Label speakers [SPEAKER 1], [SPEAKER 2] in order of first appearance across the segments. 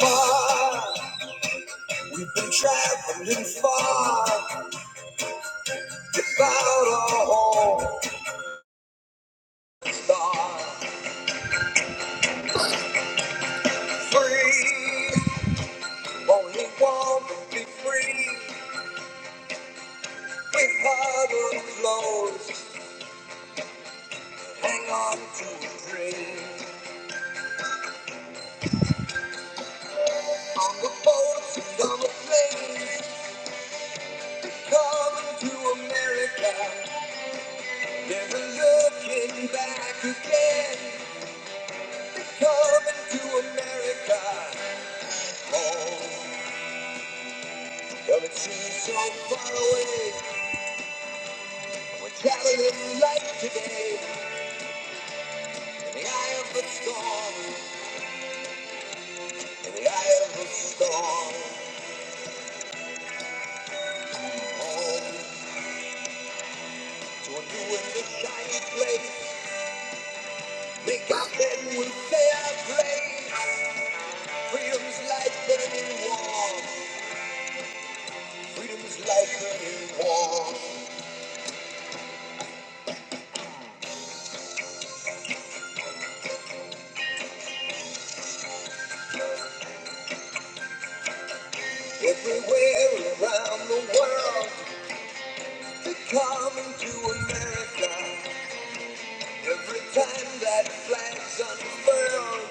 [SPEAKER 1] far. We've been traveling far without a home star. Free, only one will be free. With huddled clothes, hang on to a dream. On the boats and on the planes, coming to America. Never looking back again, coming to America. home. Though it seems so far away, we're traveling light today. In the eye of the storm, in the eye of the storm. Home to a new and a shiny place. Make our bed we'll play our place. Freedom's light burning warm. Freedom's light burning warm. Everywhere around the world, they come into America. Every time that flag's unfurled.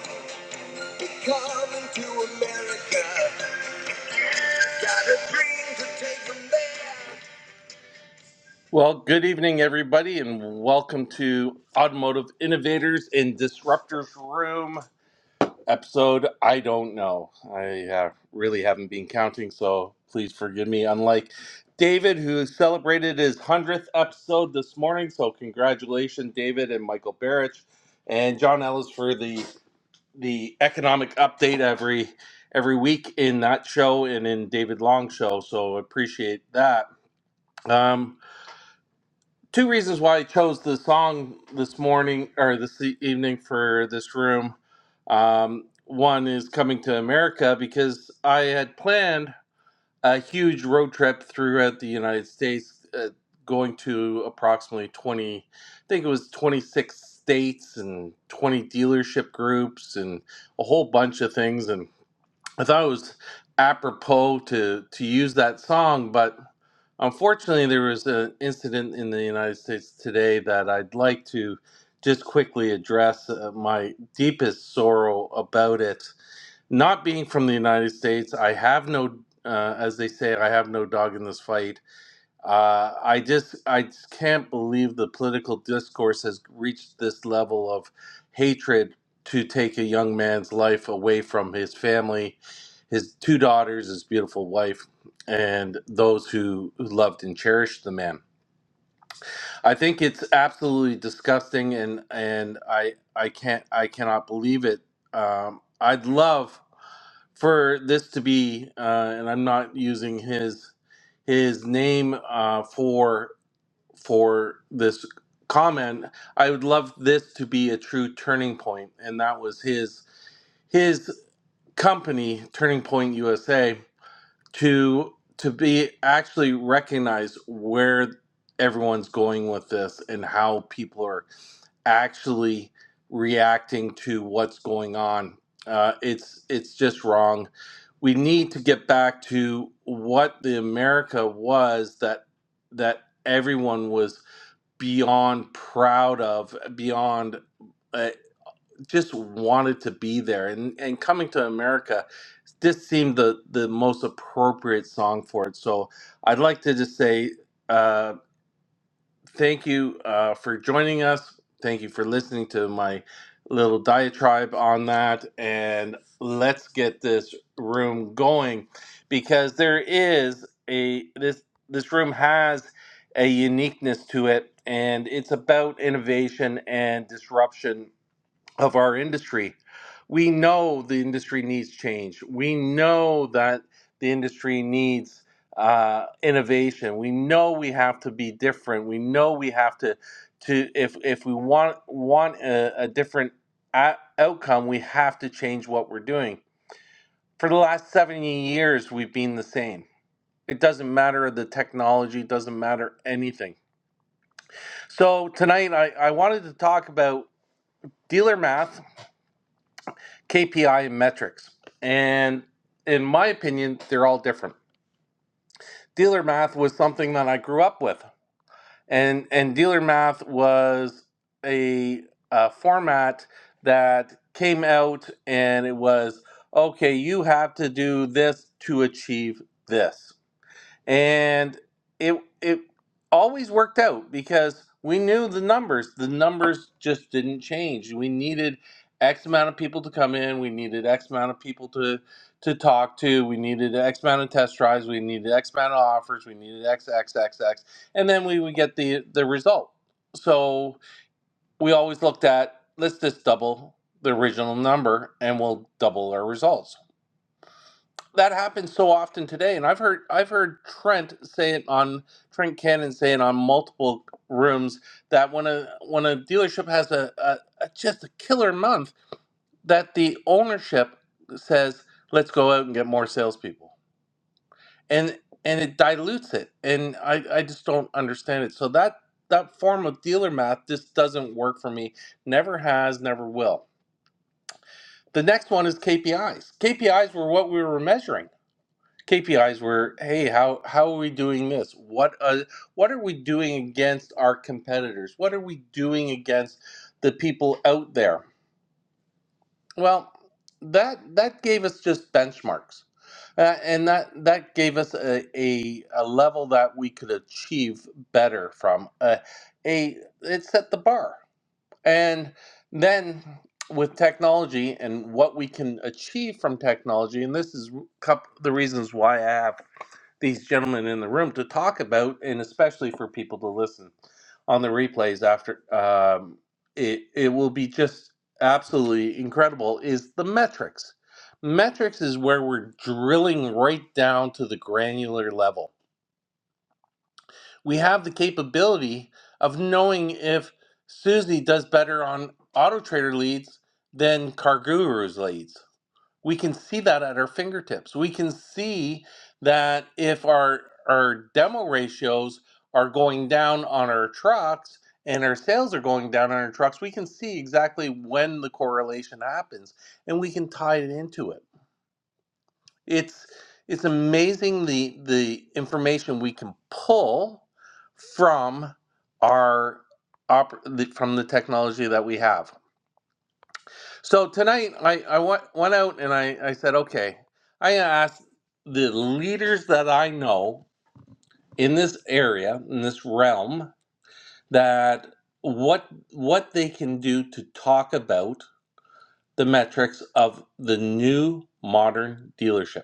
[SPEAKER 1] Well, good evening, everybody, and welcome to Automotive Innovators and Disruptors Room episode. I don't know. I uh, really haven't been counting, so please forgive me. Unlike David, who celebrated his 100th episode this morning, so congratulations, David and Michael Barrich and John Ellis for the the economic update every every week in that show and in David Long's show. So appreciate that. Um, two reasons why I chose the song this morning or this e- evening for this room. Um, one is coming to America because I had planned a huge road trip throughout the United States, uh, going to approximately twenty. I think it was twenty six states and twenty dealership groups and a whole bunch of things and I thought it was apropos to to use that song, but unfortunately, there was an incident in the United States today that I'd like to just quickly address uh, my deepest sorrow about it. Not being from the United States, I have no, uh, as they say, I have no dog in this fight uh, I just I just can't believe the political discourse has reached this level of hatred to take a young man's life away from his family, his two daughters, his beautiful wife, and those who who loved and cherished the man. I think it's absolutely disgusting, and and I I can't I cannot believe it. Um, I'd love for this to be, uh, and I'm not using his his name uh, for for this comment. I would love this to be a true turning point, and that was his his company, Turning Point USA, to to be actually recognize where everyone's going with this and how people are actually reacting to what's going on. Uh, it's it's just wrong. We need to get back to what the America was that that everyone was beyond proud of, beyond uh, just wanted to be there. And and coming to America, this seemed the the most appropriate song for it. So I'd like to just say. Uh, thank you uh, for joining us. Thank you for listening to my little diatribe on that. And let's get this room going because there is a this this room has a uniqueness to it, and it's about innovation and disruption of our industry. We know the industry needs change. We know that the industry needs uh, innovation. We know we have to be different. We know we have to to if if we want want a, a different a- outcome, we have to change what we're doing. For the last 70 years, we've been the same. It doesn't matter the technology, doesn't matter anything. So tonight I, I wanted to talk about dealer math KPI and metrics. And in my opinion, they're all different. Dealer math was something that I grew up with. And and dealer math was a, a format that came out and it was okay, you have to do this to achieve this and it it always worked out because we knew the numbers the numbers just didn't change we needed x amount of people to come in we needed x amount of people to to talk to we needed x amount of test drives we needed x amount of offers we needed x x x x and then we would get the the result so we always looked at let's just double the original number and we'll double our results that happens so often today and i've heard i've heard trent say it on trent cannon say it on multiple rooms that when a when a dealership has a, a, a just a killer month that the ownership says let's go out and get more salespeople and and it dilutes it and i i just don't understand it so that that form of dealer math just doesn't work for me never has never will the next one is kpis kpis were what we were measuring KPIs were, hey, how how are we doing this? What uh, what are we doing against our competitors? What are we doing against the people out there? Well, that that gave us just benchmarks, uh, and that that gave us a, a a level that we could achieve better from. Uh, a it set the bar, and then with technology and what we can achieve from technology, and this is coup- the reasons why I have these gentlemen in the room to talk about, and especially for people to listen on the replays after. Um, it it will be just absolutely incredible. Is the metrics? Metrics is where we're drilling right down to the granular level. We have the capability of knowing if Susie does better on Auto Trader leads than CarGurus leads we can see that at our fingertips. We can see that if our our demo ratios are going down on our trucks and our sales are going down on our trucks, we can see exactly when the correlation happens and we can tie it into it. It's it's amazing the the information we can pull from our op- the, from the technology that we have. So tonight, I, I went, went out and I, I said, okay, I asked the leaders that I know in this area, in this realm, that what what they can do to talk about the metrics of the new modern dealership.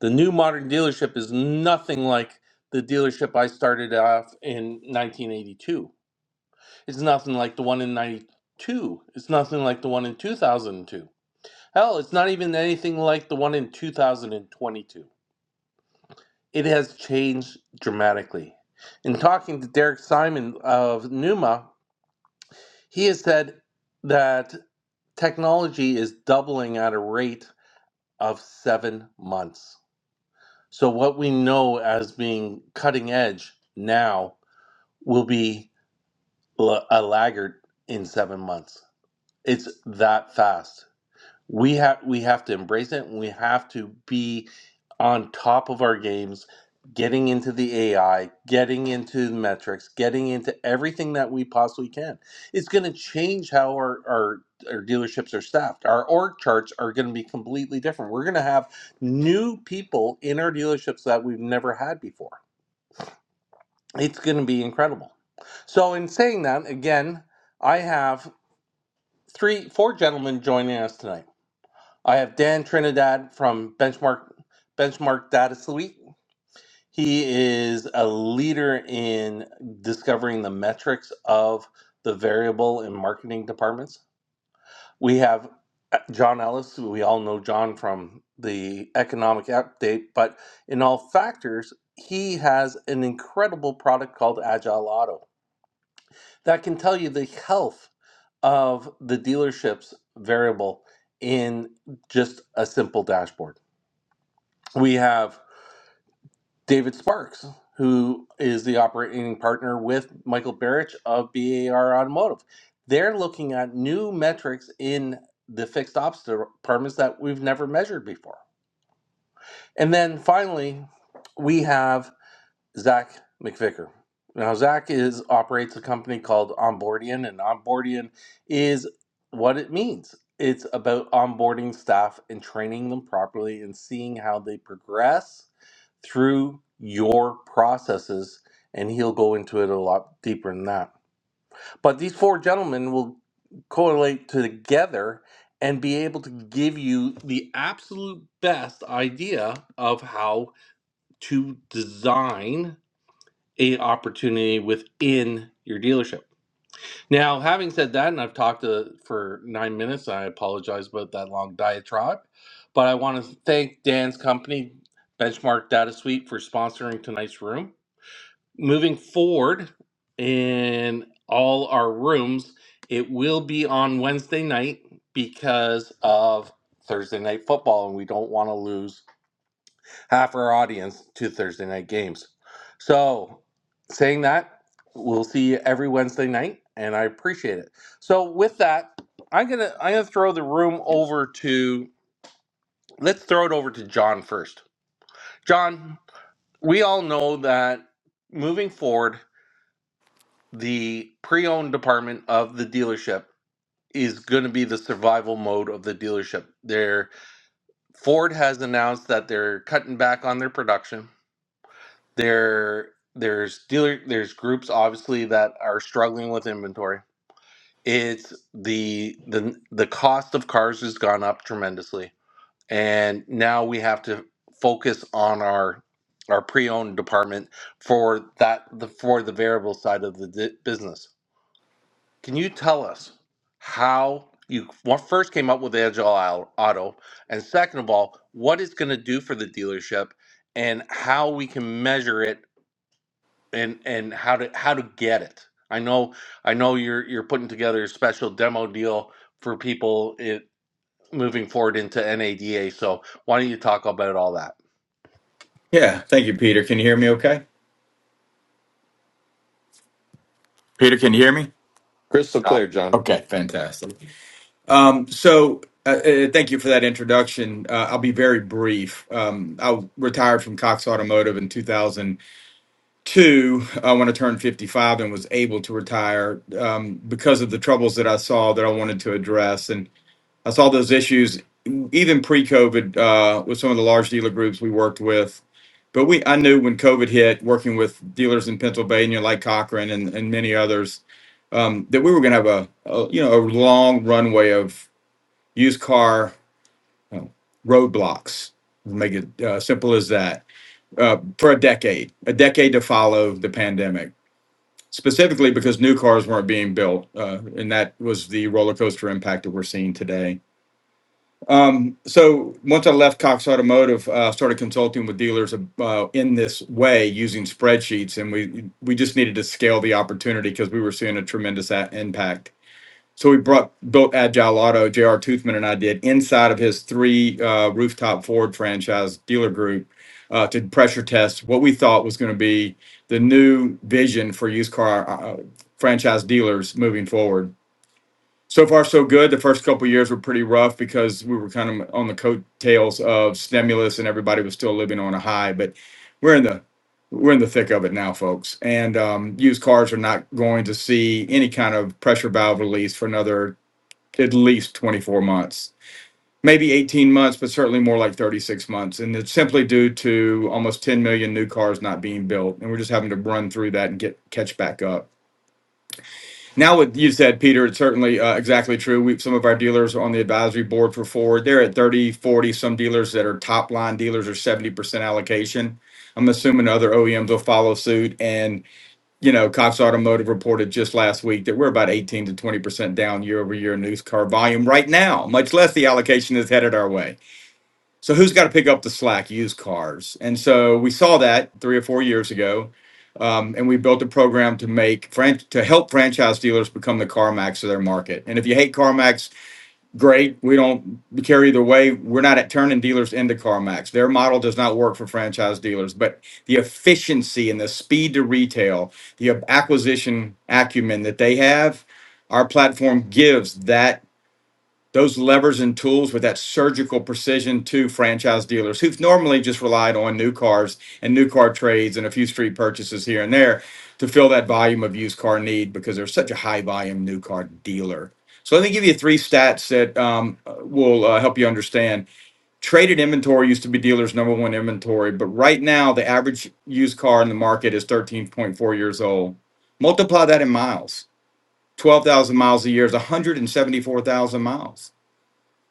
[SPEAKER 1] The new modern dealership is nothing like the dealership I started off in 1982. It's nothing like the one in 92. It's nothing like the one in 2002 Hell, it's not even anything like the one in 2022. It has changed dramatically. In talking to Derek Simon of Numa, he has said that technology is doubling at a rate of seven months. So, what we know as being cutting edge now will be a laggard in seven months. It's that fast. we have we have to embrace it and we have to be on top of our games getting into the ai getting into the metrics getting into everything that we possibly can it's going to change how our, our our dealerships are staffed our org charts are going to be completely different we're going to have new people in our dealerships that we've never had before it's going to be incredible so in saying that again i have three four gentlemen joining us tonight I have Dan Trinidad from Benchmark Benchmark Data Suite. He is a leader in discovering the metrics of the variable and marketing departments. We have uh, John Ellis, who we all know John from the economic update, but in all factors, he has an incredible product called Agile Auto that can tell you the health of the dealership's variable in just a simple dashboard. we have David Sparks, who is the operating partner with Michael Barrich of BAR Automotive. They're looking at new metrics in the fixed ops departments that we've never measured before. And then finally, we have Zach McVicker. Now, Zach is operates a company called Onboardian, and Onboardian is what it means. It's about onboarding staff and training them properly and seeing how they progress through your processes, and he'll go into it a lot deeper than that. But these four gentlemen will correlate together and be able to give you the absolute best idea of how to design a opportunity within your dealership. Now, having said that, and I've talked to, for nine minutes, I apologize about that long diatribe, but I want to thank Dan's company, Benchmark Data Suite, for sponsoring tonight's room moving forward in all our rooms, it will be on Wednesday night because of Thursday night football, and we don't want to lose half our audience to Thursday night games. So, saying that, we'll see you every Wednesday night, and I appreciate it. So, with that, I'm gonna I'm gonna throw the room over to let's throw it over to John first. John, we all know that moving forward the pre-owned department of the dealership is going to be the survival mode of the dealership. Their Ford has announced that they're cutting back on their production. There there's dealer there's groups obviously that are struggling with inventory. It's the the the cost of cars has gone up tremendously. And now we have to focus on our our pre-owned department for that the for the variable side of the di- business Can you tell us how you well, first came up with Agile Auto, and second of all, what it's going to do for the dealership, and how we can measure it, and and how to how to get it? I know I know you're you're putting together a special demo deal for people it, moving forward into NADA. So why don't you talk about all that?
[SPEAKER 2] Yeah, thank you, Peter. Can you hear me okay? Peter, can you hear me?
[SPEAKER 3] Crystal
[SPEAKER 2] Uh,
[SPEAKER 3] clear, John.
[SPEAKER 2] okay, fantastic. Um, so, uh, uh, thank you for that introduction. Uh, I'll be very brief. Um, I retired from Cox Automotive in 2002 uh, when I turned 55 and was able to retire um, because of the troubles that I saw that I wanted to address. I saw those issues even pre-COVID uh, with some of the large dealer groups we worked with. But we, I knew when COVID hit, working with dealers in Pennsylvania like Cochrane and, and many others, um, that we were going to have a, a you know a long runway of used car you know, roadblocks. Make it uh, simple as that uh, for a decade, a decade to follow the pandemic, specifically because new cars weren't being built, uh, and that was the roller coaster impact that we're seeing today um, so once I left Cox Automotive, uh, started consulting with dealers uh, in this way using spreadsheets, and we we just needed to scale the opportunity because we were seeing a tremendous a- impact. So we brought built Agile Auto. J.R. Toothman and I did inside of his three uh, rooftop Ford franchise dealer group uh, to pressure test what we thought was going to be the new vision for used car uh, franchise dealers moving forward so far so good. The first couple of years were pretty rough because we were kind of on the coattails of stimulus and everybody was still living on a high. But we're in the we're in the thick of it now, folks. And um, used cars are not going to see any kind of pressure valve release for another at least 24 months, maybe 18 months, but certainly more like 36 months. And it's simply due to almost 10 million new cars not being built, and we're just having to run through that and get catch back up. Now, what you said, Peter, it's certainly uh, exactly true. We, some of our dealers are on the advisory board for Ford. They're at 30, 40. Some dealers that are top line dealers are 70% allocation. I'm assuming other OEMs will follow suit. And, you know, Cox Automotive reported just last week that we're about 18 to 20% down year over year in used car volume right now, much less the allocation is headed our way. So who's got to pick up the slack? Used cars. And so we saw that three or four years ago, um, and we built a program to make fran- to help franchise dealers become the CarMax of their market. And if you hate CarMax, great. We don't care either way. We're not at turning dealers into CarMax. Their model does not work for franchise dealers, but the efficiency and the speed to retail, the acquisition acumen that they have, our platform gives that those levers and tools with that surgical precision to franchise dealers who've normally just relied on new cars and new car trades and a few street purchases here and there to fill that volume of used car need because there's such a high volume new car dealer. So let me give you three stats that um, will uh, help you understand. Traded inventory used to be dealers' number one inventory, but right now the average used car in the market is 13.4 years old. Multiply that in miles. 12,000 miles a year is 174,000 miles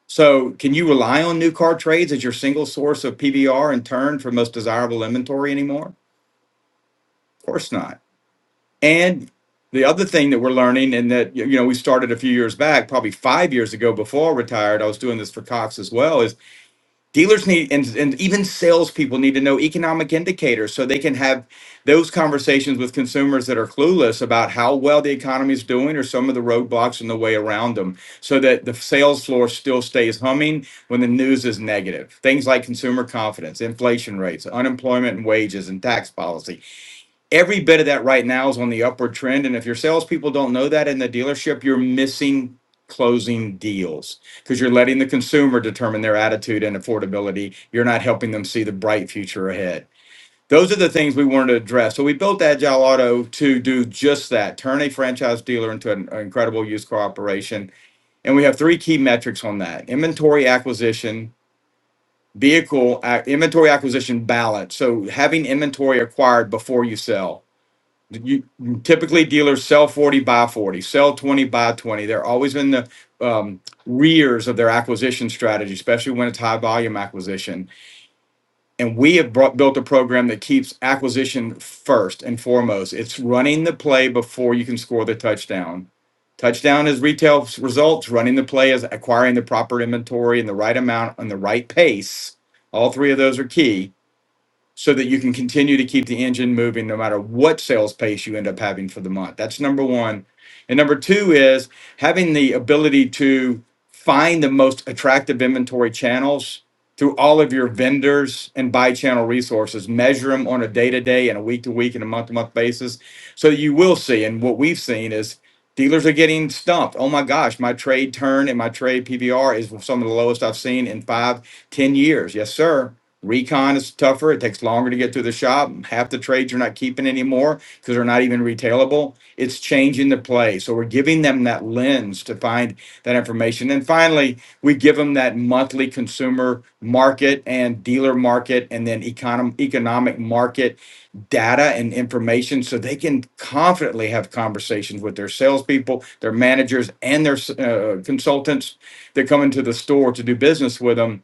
[SPEAKER 2] so can you rely on new car trades as your single source of PVR and turn for most desirable inventory anymore? Of course not. And the other thing that we're learning, and that you know we started a few years back, probably five years ago before I retired, I was doing this for Cox as well, is. Dealers need, and, and even salespeople need to know economic indicators so they can have those conversations with consumers that are clueless about how well the economy is doing or some of the roadblocks in the way around them so that the sales floor still stays humming when the news is negative. Things like consumer confidence, inflation rates, unemployment and wages, and tax policy every bit of that right now is on the upward trend. And if your salespeople don't know that in the dealership, you're missing closing deals because you're letting the consumer determine their attitude and affordability. You're not helping them see the bright future ahead. Those are the things we wanted to address. So we built Agile Auto to do just that turn a franchise dealer into an incredible used car operation. And we have three key metrics on that inventory acquisition, vehicle ac- inventory acquisition balance. So having inventory acquired before you sell you typically dealers sell 40 buy 40 sell 20 buy 20 they're always in the um, rears of their acquisition strategy especially when it's high volume acquisition and we have brought, built a program that keeps acquisition first and foremost it's running the play before you can score the touchdown touchdown is retail results running the play is acquiring the proper inventory in the right amount and the right pace all three of those are key so that you can continue to keep the engine moving no matter what sales pace you end up having for the month. That's number one. And number two is having the ability to find the most attractive inventory channels through all of your vendors and buy channel resources, measure them on a day to day and a week to week and a month to month basis. So you will see, and what we've seen is dealers are getting stumped. Oh my gosh, my trade turn and my trade PVR is some of the lowest I've seen in five, ten years. Yes, sir. Recon is tougher. It takes longer to get to the shop. Half the trades you're not keeping anymore because they're not even retailable. It's changing the play. So we're giving them that lens to find that information. And finally, we give them that monthly consumer market and dealer market and then econom- economic market data and information so they can confidently have conversations with their salespeople, their managers, and their uh, consultants that come into the store to do business with them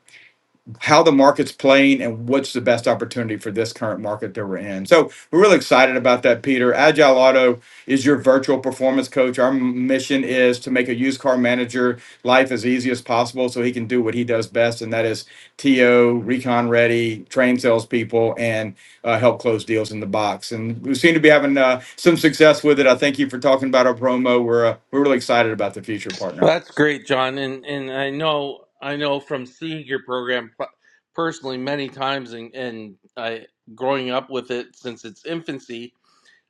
[SPEAKER 2] how the market's playing and what's the best opportunity for this current market that we're in. So we're really excited about that, Peter. Agile Auto is your virtual performance coach. Our m- mission is to make a used car manager life as easy as possible so he can do what he does best, and that is TO, recon ready, train salespeople, and uh, help close deals in the box. And we seem to be having uh, some success with it. I thank you for talking about our promo. We're uh, we're really excited about the future, partner.
[SPEAKER 1] Well, That's great, John, and and I know I know from seeing your program p- personally many times, and and I growing up with it since its infancy.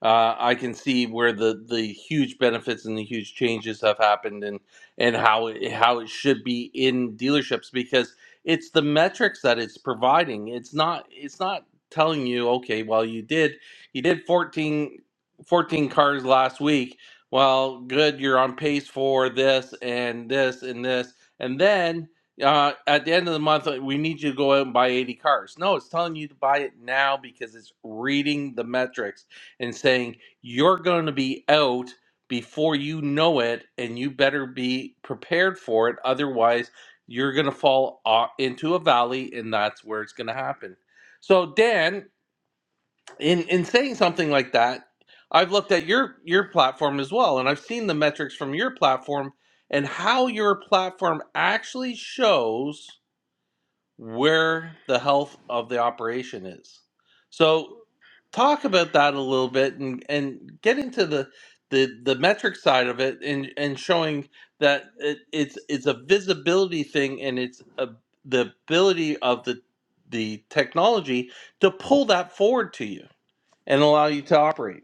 [SPEAKER 1] uh, I can see where the, the huge benefits and the huge changes have happened and and how it, how it should be in dealerships because it's the metrics that it's providing. It's not it's not telling you okay, well you did you did 14 14 cars last week. Well, good, you're on pace for this and this and this, and then. Uh, at the end of the month, uh, we need you to go out and buy 80 cars. No, it's telling you to buy it now because it's reading the metrics and saying, You're going to be out before you know it, and you better be prepared for it. Otherwise, you're going to fall o- into a valley, and that's where it's going to happen. So, Dan, in, in saying something like that, I've looked at your, your platform as well, and I've seen the metrics from your platform and how your platform actually shows where the health of the operation is. So talk about that a little bit and, and get into the, the the metric side of it and and showing that it, it's it's a visibility thing and it's a, the ability of the the technology to pull that forward to you and allow you to operate.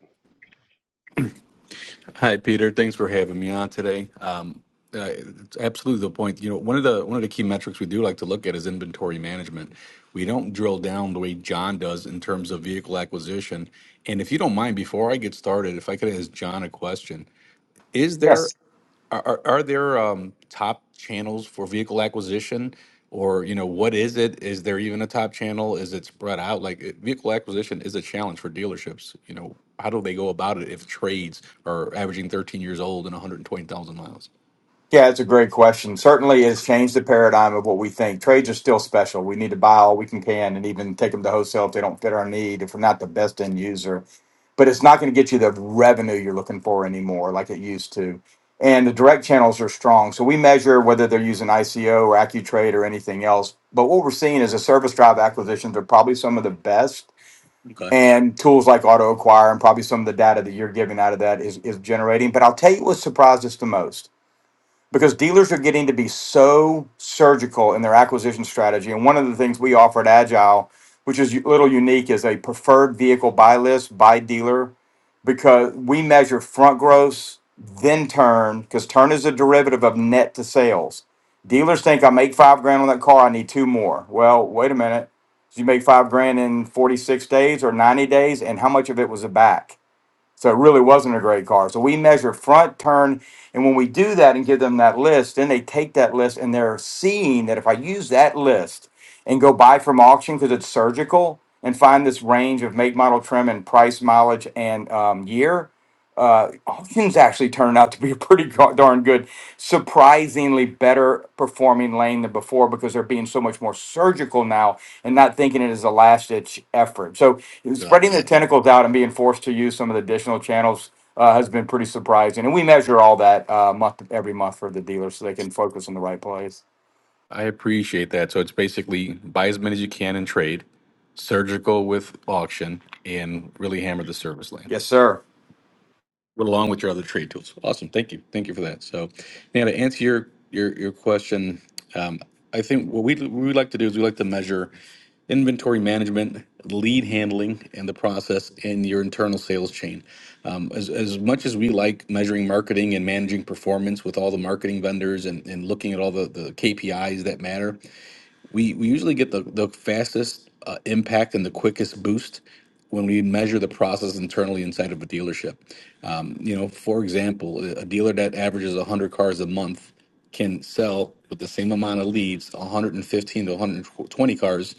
[SPEAKER 4] Hi, Peter. Thanks for having me on today. Um, uh, it's absolutely the point. You know, one of the one of the key metrics we do like to look at is inventory management. We don't drill down the way John does in terms of vehicle acquisition. And if you don't mind, before I get started, if I could ask John a question, is
[SPEAKER 2] Yes.
[SPEAKER 4] there are, are, are there um, top channels for vehicle acquisition? Or, you know, what is it? Is there even a top channel? Is it spread out? Like, it- vehicle acquisition is a challenge for dealerships. You know, how do they go about it if trades are averaging 13 years old and 120,000 miles?
[SPEAKER 2] Yeah, it's a great question. Certainly, it has changed the paradigm of what we think. Trades are still special. We need to buy all we can can, and even take them to wholesale if they don't fit our need, if we're not the best end user. But it's not going to get you the revenue you're looking for anymore, like it used to. And the direct channels are strong, so we measure whether they're using ICO or AccuTrade or anything else. But what we're seeing is the service drive acquisitions are probably some of the best,
[SPEAKER 4] Okay.
[SPEAKER 2] and tools like Auto Acquire and probably some of the data that you're giving out of that is is generating. But I'll tell you what surprised us the most because dealers are getting to be so surgical in their acquisition strategy. And one of the things we offer at Agile, which is a little unique, is a preferred vehicle buy list by dealer because we measure front gross, then turn, because turn is a derivative of net to sales. Dealers think I make five grand on that car, I need two more. Well, wait a minute. Did you make five grand in 46 days or 90 days? And how much of it was a back? So it really wasn't a great car. So we measure front turn. And when we do that and give them that list, then they take that list and they're seeing that if I use that list and go buy from auction because it's surgical and find this range of make, model, trim, and price, mileage, and um, year, uh, Hawkins actually turned out to be a pretty go- darn good, surprisingly better performing lane than before because they're being so much more surgical now and not thinking it is a last ditch effort. So
[SPEAKER 4] Got
[SPEAKER 2] spreading
[SPEAKER 4] it.
[SPEAKER 2] the tentacles out and being forced to use some of the additional channels uh, has been pretty surprising. And we measure all that uh, month every month for the dealers so they can focus on the right plays.
[SPEAKER 4] I appreciate that. So it's basically buy as many as you can in trade, surgical with auction, and really hammer the service lane.
[SPEAKER 2] Yes, sir.
[SPEAKER 4] Went along with your other trade tools. Awesome. Thank you. Thank you for that. So, now to answer your your your question, um, I think what we we like to do is we like to measure inventory management, lead handling, and the process in your internal sales chain. Um, as, as much as we like measuring marketing and managing performance with all the marketing vendors and, and looking at all the, the KPIs that matter, we, we usually get the, the fastest uh, impact and the quickest boost when we measure the process internally inside of a dealership. Um, you know, for example, a dealer that averages 100 cars a month can sell with the same amount of leads 115 to 120 cars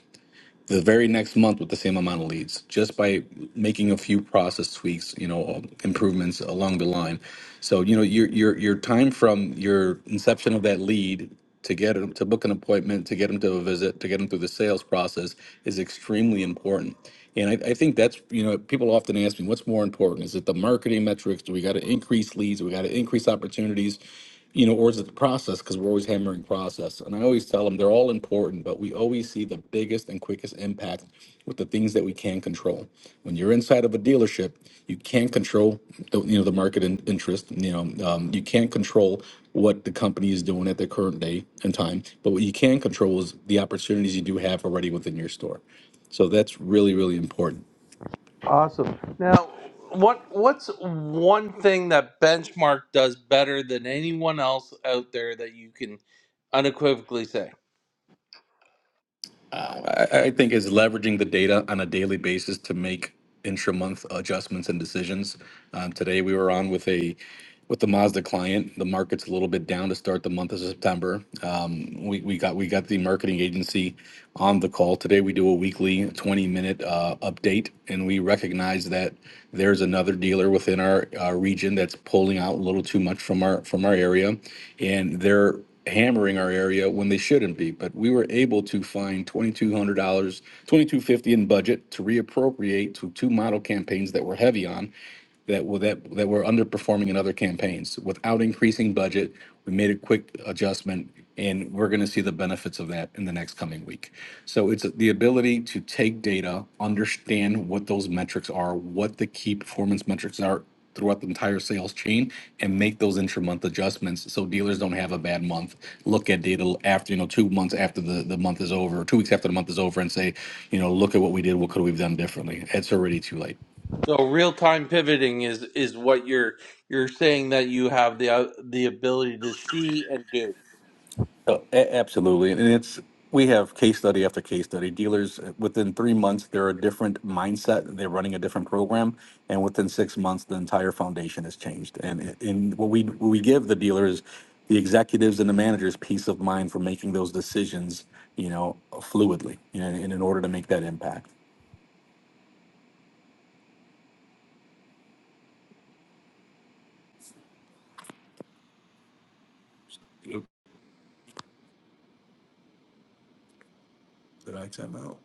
[SPEAKER 4] the very next month with the same amount of leads just by making a few process tweaks you know um, improvements along the line so you know your your your time from your inception of that lead to get them to book an appointment to get them to a visit to get them through the sales process is extremely important and I, I think that's you know people often ask me what's more important is it the marketing metrics do we got to increase leads do we got to increase opportunities you know, or is it the process? Because we're always hammering process. And I always tell them they're all important, but we always see the biggest and quickest impact with the things that we can control. When you're inside of a dealership, you can't control, the, you know, the market in, interest. You know, um, you can't control what the company is doing at their current day and time. But what you can control is the opportunities you do have already within your store. So that's really, really important.
[SPEAKER 1] Awesome. Now, what what's one thing that Benchmark does better than anyone else out there that you can unequivocally say?
[SPEAKER 4] I, I think is leveraging the data on a daily basis to make intra-month adjustments and decisions. Um, today we were on with a with the Mazda client. The market's a little bit down to start the month of September we, we got we got the marketing agency on the call today. We do a weekly 20 minute uh, update, and we recognize that there's another dealer within our uh, region that's pulling out a little too much from our from our area, and they're hammering our area when they shouldn't be. But we were able to find $2,200, 2250 in budget to reappropriate to two model campaigns that we're heavy on that were that that were underperforming in other campaigns without increasing budget. We made a quick adjustment, and we're going to see the benefits of that in the next coming week. So it's the ability to take data, understand what those metrics are, what the key performance metrics are throughout the entire sales chain and make those intra-month adjustments so dealers don't have a bad month look at data after you know two months after the, the month is over two weeks after the month is over and say you know look at what we did what could we have done differently it's already too late
[SPEAKER 1] So, real time pivoting is is what you're you're saying that you have the uh, the ability to see and do.
[SPEAKER 4] Oh, a- absolutely. And it's, we have case study after case study. Dealers, uh, within three months, they're a different mindset. They're running a different program. And within six months, the entire foundation has changed. And, it- and what we, what we give the dealers, the executives and the managers peace of mind for making those decisions, you know, fluidly and, and in order to make that impact. Oop, Did I time out?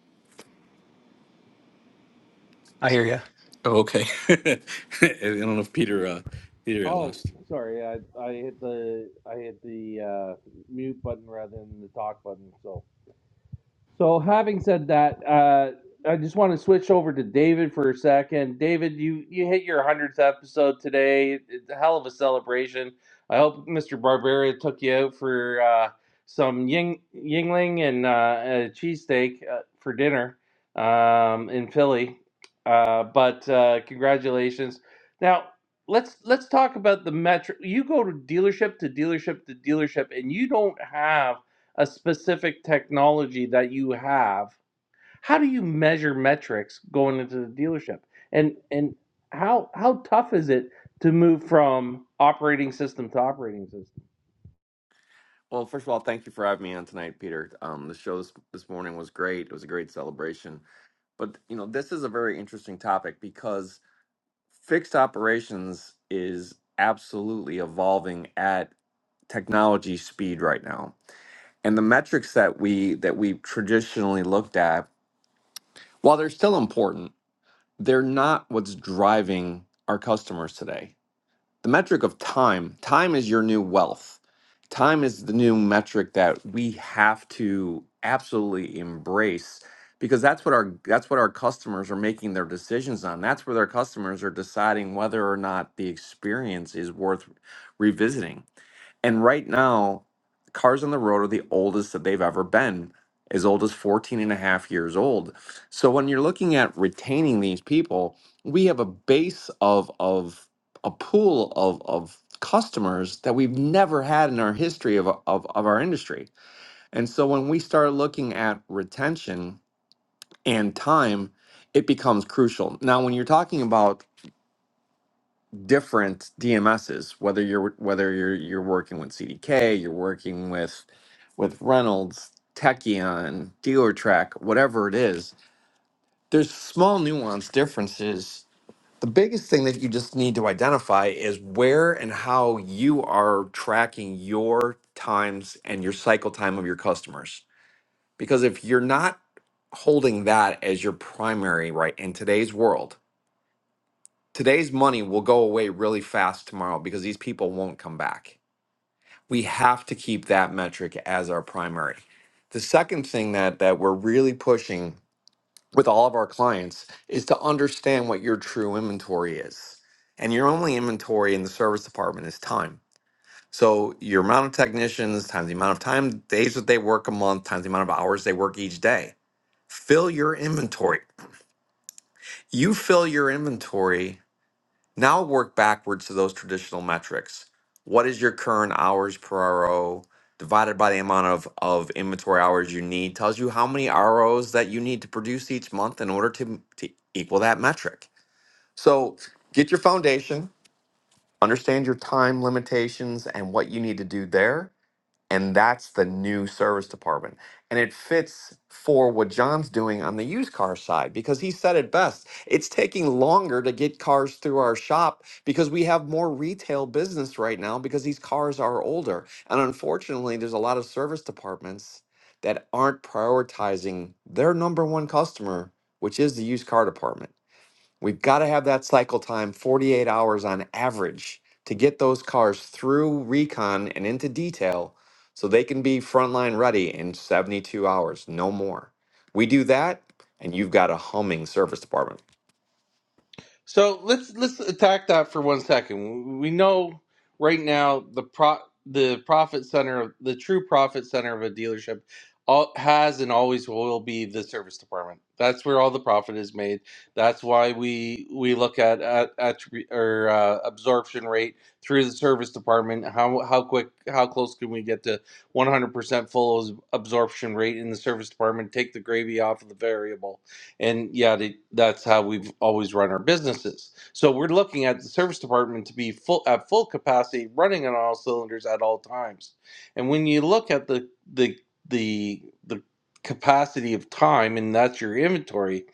[SPEAKER 5] I hear you.
[SPEAKER 4] Oh, okay. I don't know if Peter, uh, Peter got
[SPEAKER 1] Oh,
[SPEAKER 4] lost.
[SPEAKER 1] sorry, I I hit the I hit the uh, mute button rather than the talk button. So. So, having said that, uh, I just want to switch over to David for a second. David, you you hit your hundredth episode today. It's a hell of a celebration. I hope Mr. Barbaria took you out for uh, some ying, yingling and uh, a cheesesteak uh, for dinner um, in Philly. Uh, but uh, congratulations. Now let's let's talk about the metro. You go to dealership to dealership to dealership, and you don't have a specific technology that you have how do you measure metrics going into the dealership and and how how tough is it to move from operating system to operating system
[SPEAKER 3] Well, first of all, thank you for having me on tonight, Peter. Um, the show this, this morning was great. It was a great celebration. But, you know, this is a very interesting topic because fixed operations is absolutely evolving at technology speed right now. And the metrics that we that we traditionally looked at, while they're still important, they're not what's driving our customers today. the metric of time time is your new wealth time is the new metric that we have to absolutely embrace because that's what our that's what our customers are making their decisions on that's where their customers are deciding whether or not the experience is worth revisiting and right now, cars on the road are the oldest that they've ever been, as old as 14 and a half years old. So when you're looking at retaining these people, we have a base of of a pool of of customers that we've never had in our history of, of, of our industry. And so when we start looking at retention and time, it becomes crucial. Now, when you're talking about different DMSs, whether you're whether you're you're working with CDK, you're working with with Reynolds, Techion, DealerTrack, whatever it is, there's small nuance differences. The biggest thing that you just need to identify is where and how you are tracking your times and your cycle time of your customers. Because if you're not holding that as your primary, right, in today's world, today's money will go away really fast tomorrow because these people won't come back. We have to keep that metric as our primary. The second thing that that we're really pushing with all of our clients is to understand what your true inventory is. And your only inventory in the service department is time. So your amount of technicians times the amount of time days that they work a month times the amount of hours they work each day. Fill your inventory. You fill your inventory Now work backwards to those traditional metrics. What is your current hours per RO divided by the amount of, of inventory hours you need tells you how many ROs that you need to produce each month in order to, to equal that metric. So get your foundation, understand your time limitations and what you need to do there and that's the new service department and it fits for what john's doing on the used car side because he said it best it's taking longer to get cars through our shop because we have more retail business right now because these cars are older and unfortunately there's a lot of service departments that aren't prioritizing their number one customer which is the used car department We've got to have that cycle time 48 hours on average to get those cars through recon and into detail so they can be frontline ready in 72 hours, no more. We do that, and you've got a humming service department.
[SPEAKER 1] So let's let's attack that for one second. We know right now the pro the profit center, the true profit center of a dealership, all, has and always will be the service department. That's where all the profit is made. That's why we we look at at, attribute or uh, absorption rate through the service department. How how quick, how close can we get to one hundred percent full absorption rate in the service department? Take the gravy off of the variable and yeah they, that's how we've always run our businesses so we're looking at the service department to be full at full capacity running on all cylinders at all times and when you look at the the the, the capacity of time and that's your inventory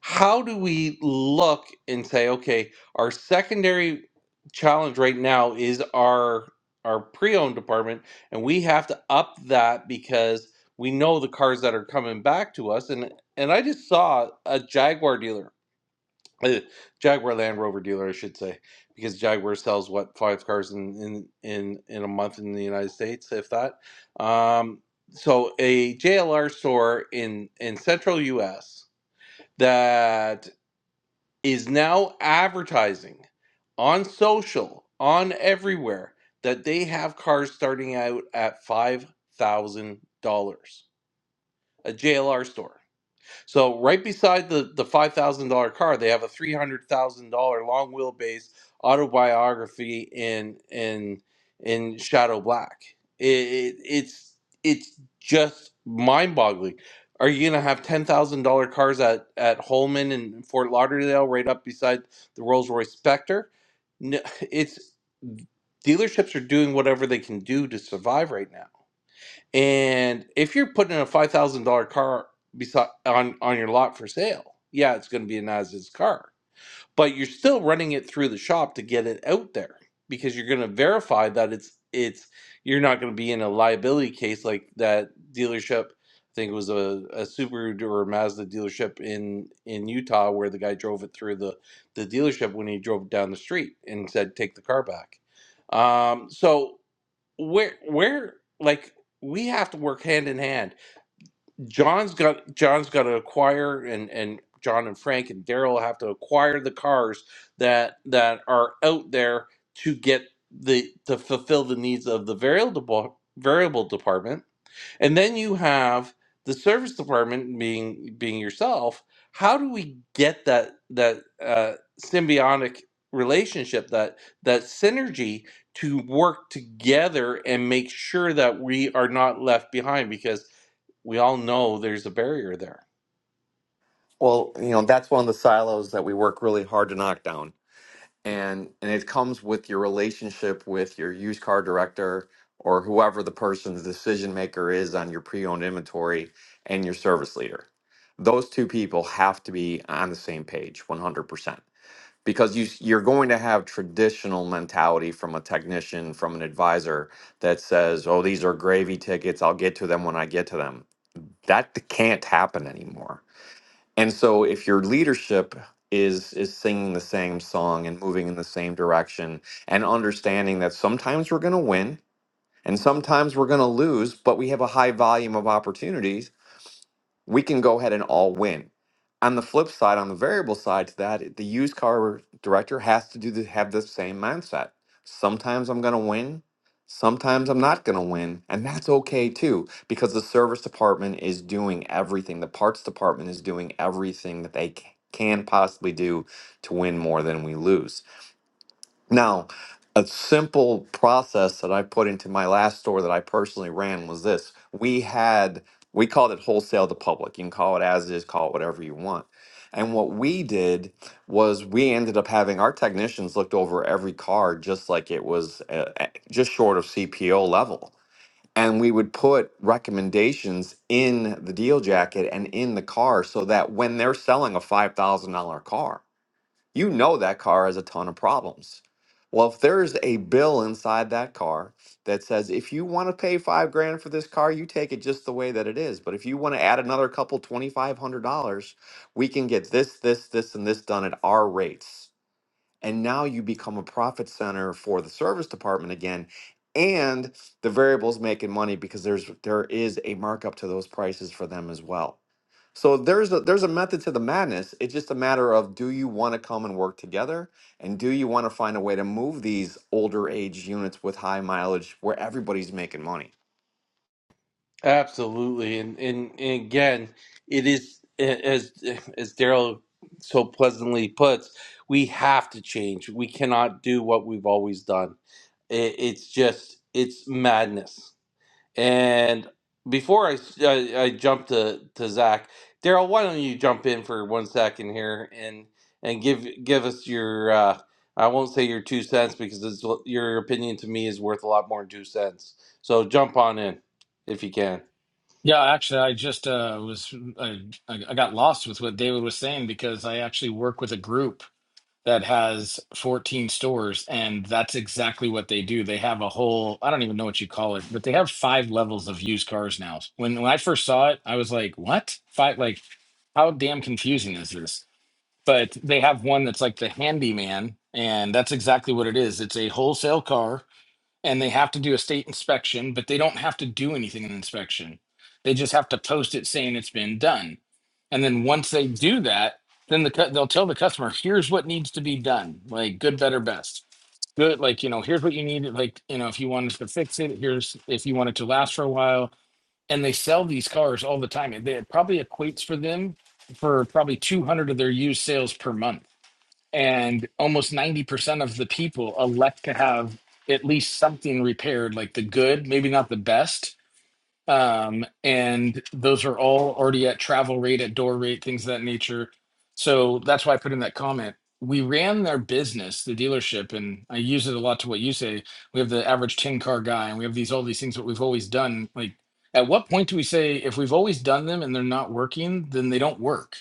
[SPEAKER 1] how do we look and say okay our secondary challenge right now is our our pre-owned department and we have to up that because we know the cars that are coming back to us and and i just saw a jaguar dealer uh, jaguar land rover dealer i should say because jaguar sells what five cars in in in, in a month in the united states if that um so a jlr store in in central us that is now advertising on social, on everywhere, that they have cars starting out at $5,000. A JLR store. So right beside the the five thousand dollar car, they have a three hundred thousand dollar long wheelbase autobiography in in in Shadow Black. It, it, it's it's just mind boggling. Are you gonna have ten thousand dollar cars at at Holman and Fort Lauderdale, right up beside the Rolls Royce Spectre? No, it's dealerships are doing whatever they can do to survive right now and if you're putting a five thousand dollar car beside on on your lot for sale, yeah, it's going to be a Nasdaq car, but you're still running it through the shop to get it out there because you're going to verify that it's it's you're not going to be in a liability case like that dealership. I think it was a, a Subaru or a Mazda dealership in in Utah where the guy drove it through the the dealership when he drove down the street and said, "Take the car back." Um, so where where like we have to work hand in hand. John's got John's got to acquire and and John and Frank and Daryl have to acquire the cars that that are out there to get the to fulfill the needs of the variable variable department and then you have the service department being being yourself. How do we get that that uh, symbiotic relationship, that that synergy to work together and make sure that we are not left behind? Because we all know there's a barrier there.
[SPEAKER 3] Well, you know, that's one of the silos that we work really hard to knock down. and and it comes with your relationship with your used car director or whoever the person's decision maker is on your pre-owned inventory and your service leader those two people have to be on the same page 100% because you you're going to have traditional mentality from a technician from an advisor that says oh these are gravy tickets I'll get to them when I get to them that can't happen anymore and so if your leadership is is singing the same song and moving in the same direction and understanding that sometimes we're going to win and sometimes we're going to lose, but we have a high volume of opportunities we can go ahead and all win. On the flip side, on the variable side to that, the used car director has to do the, have the same mindset. Sometimes I'm going to win, sometimes I'm not going to win, and that's okay too because the service department is doing everything. The parts department is doing everything that they ca- can possibly do to win more than we lose. Now, a simple process that I put into my last store that I personally ran was this. We had, we called it wholesale to public. You can call it as is, call it whatever you want. And what we did was we ended up having our technicians looked over every car just like it was uh, uh, just short of CPO level. And we would put recommendations in the deal jacket and in the car so that when they're selling a $5,000 car, you know that car has a ton of problems. Well, if there's a bill inside that car that says if you want to pay five grand for this car, you take it just the way that it is. But if you want to add another couple twenty five hundred dollars, we can get this, this, this, and this done at our rates. And now you become a profit center for the service department again. And the variable's making money because there's there is a markup to those prices for them as well. So there's a there's a method to the madness. It's just a matter of do you want to come and work together and do you want to find a way to move these older age units with high mileage where everybody's making money?
[SPEAKER 1] Absolutely, and and, and again, it is as as Daryl so pleasantly puts, we have to change. We cannot do what we've always done. It, it's just it's madness. And before I, s- I, I jump to, to Zach, Daryl, why don't you jump in for one second here and and give give us your uh, I won't say your two cents because it's, l- your opinion to me is worth a lot more than two cents. So jump on in if you can.
[SPEAKER 6] Yeah, actually, I just uh, was I, I I got lost with what David was saying because I actually work with a group that has 14 stores, and that's exactly what they do. They have a whole I don't even know what you call it, but they have five levels of used cars now. When when I first saw it, I was like, "What? Five? Like, how damn confusing is this?" But they have one that's like the handyman, and that's exactly what it is. It's a wholesale car and they have to do a state inspection, but they don't have to do anything in inspection. They just have to post it saying it's been done. And then once they do that, then the cu- they'll tell the customer, here's what needs to be done, like good, better, best. Good, like you know, here's what you need. Like you know, if you wanted to fix it, here's if you want it to last for a while. And they sell these cars all the time. and They, it probably equates for them for probably 200 of their used sales per month and almost 90% of the people elect to have at least something repaired like the good maybe not the best um, and those are all already at travel rate at door rate things of that nature so that's why i put in that comment we ran their business the dealership and i use it a lot to what you say we have the average 10 car guy and we have these all these things that we've always done like at what point do we say if we've always done them and they're not working then they don't work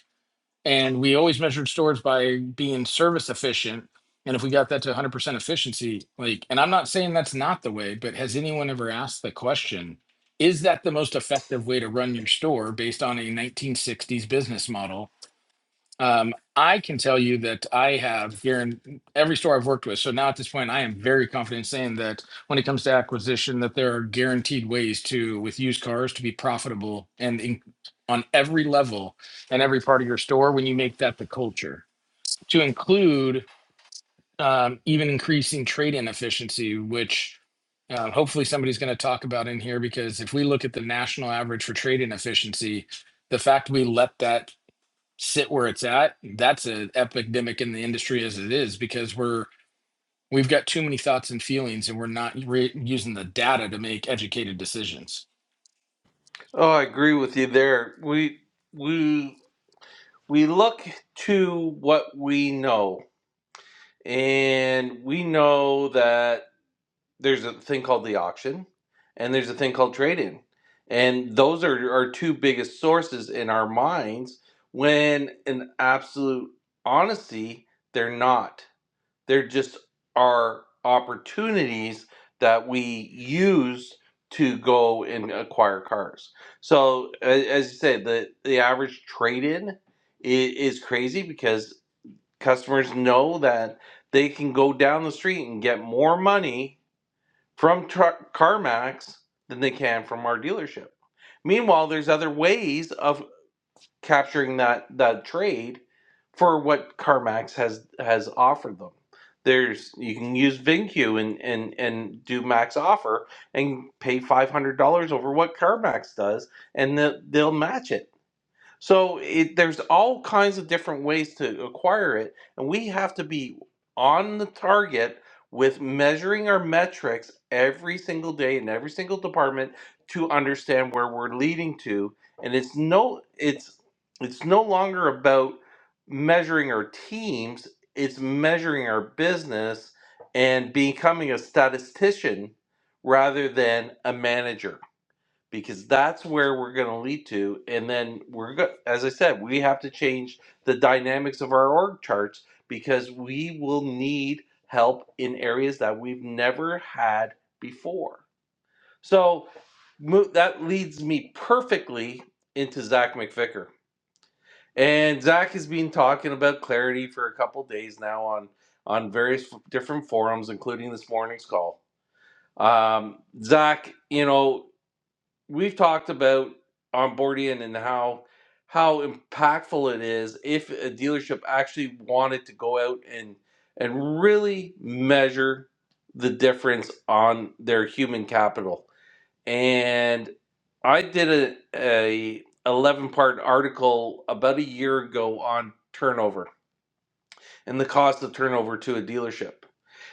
[SPEAKER 6] and we always measured stores by being service efficient and if we got that to 100% efficiency like and i'm not saying that's not the way but has anyone ever asked the question is that the most effective way to run your store based on a 1960s business model um, I can tell you that I have here in every store I've worked with. So now at this point, I am very confident saying that when it comes to acquisition, that there are guaranteed ways to with used cars to be profitable and in, on every level and every part of your store when you make that the culture to include um, even increasing trade-in efficiency, which uh, hopefully somebody's going to talk about in here because if we look at the national average for trade-in efficiency, the fact we let that sit where it's at, that's an epidemic in the industry as it is because we're we've got too many thoughts and feelings and we're not re- using the data to make educated decisions.
[SPEAKER 1] Oh, I agree with you there. We we we look to what we know, and we know that. there's a thing called the auction and there's a thing called trade-in and those are our two biggest sources in our minds when in absolute honesty they're not they're just our opportunities that we use to go and acquire cars so a- as you said the, the average trade-in i- is crazy because customers know that they can go down the street and get more money from CarMax than they can from our dealership. Meanwhile, there's other ways of capturing that that trade for what CarMax has has offered them. There's you can use VinQ and and and do max offer and pay five hundred dollars over what CarMax does, and they they'll match it so it, there's all kinds of different ways to acquire it, and we have to be on the target with measuring our metrics every single day in every single department to understand where we're leading to. And it's no, it's it's no longer about measuring our teams; it's measuring our business and becoming a statistician rather than a manager because that's where we're going to lead to and then we're go- as i said we have to change the dynamics of our org charts because we will need help in areas that we've never had before so mo- that leads me perfectly into zach mcvicker and zach has been talking about clarity for a couple days now on on various f- different forums including this morning's call um, zach you know we've talked about onboarding and how how impactful it is if a dealership actually wanted to go out and and really measure the difference on their human capital. And I did a, a 11 part article about a year ago on turnover and the cost of turnover to a dealership.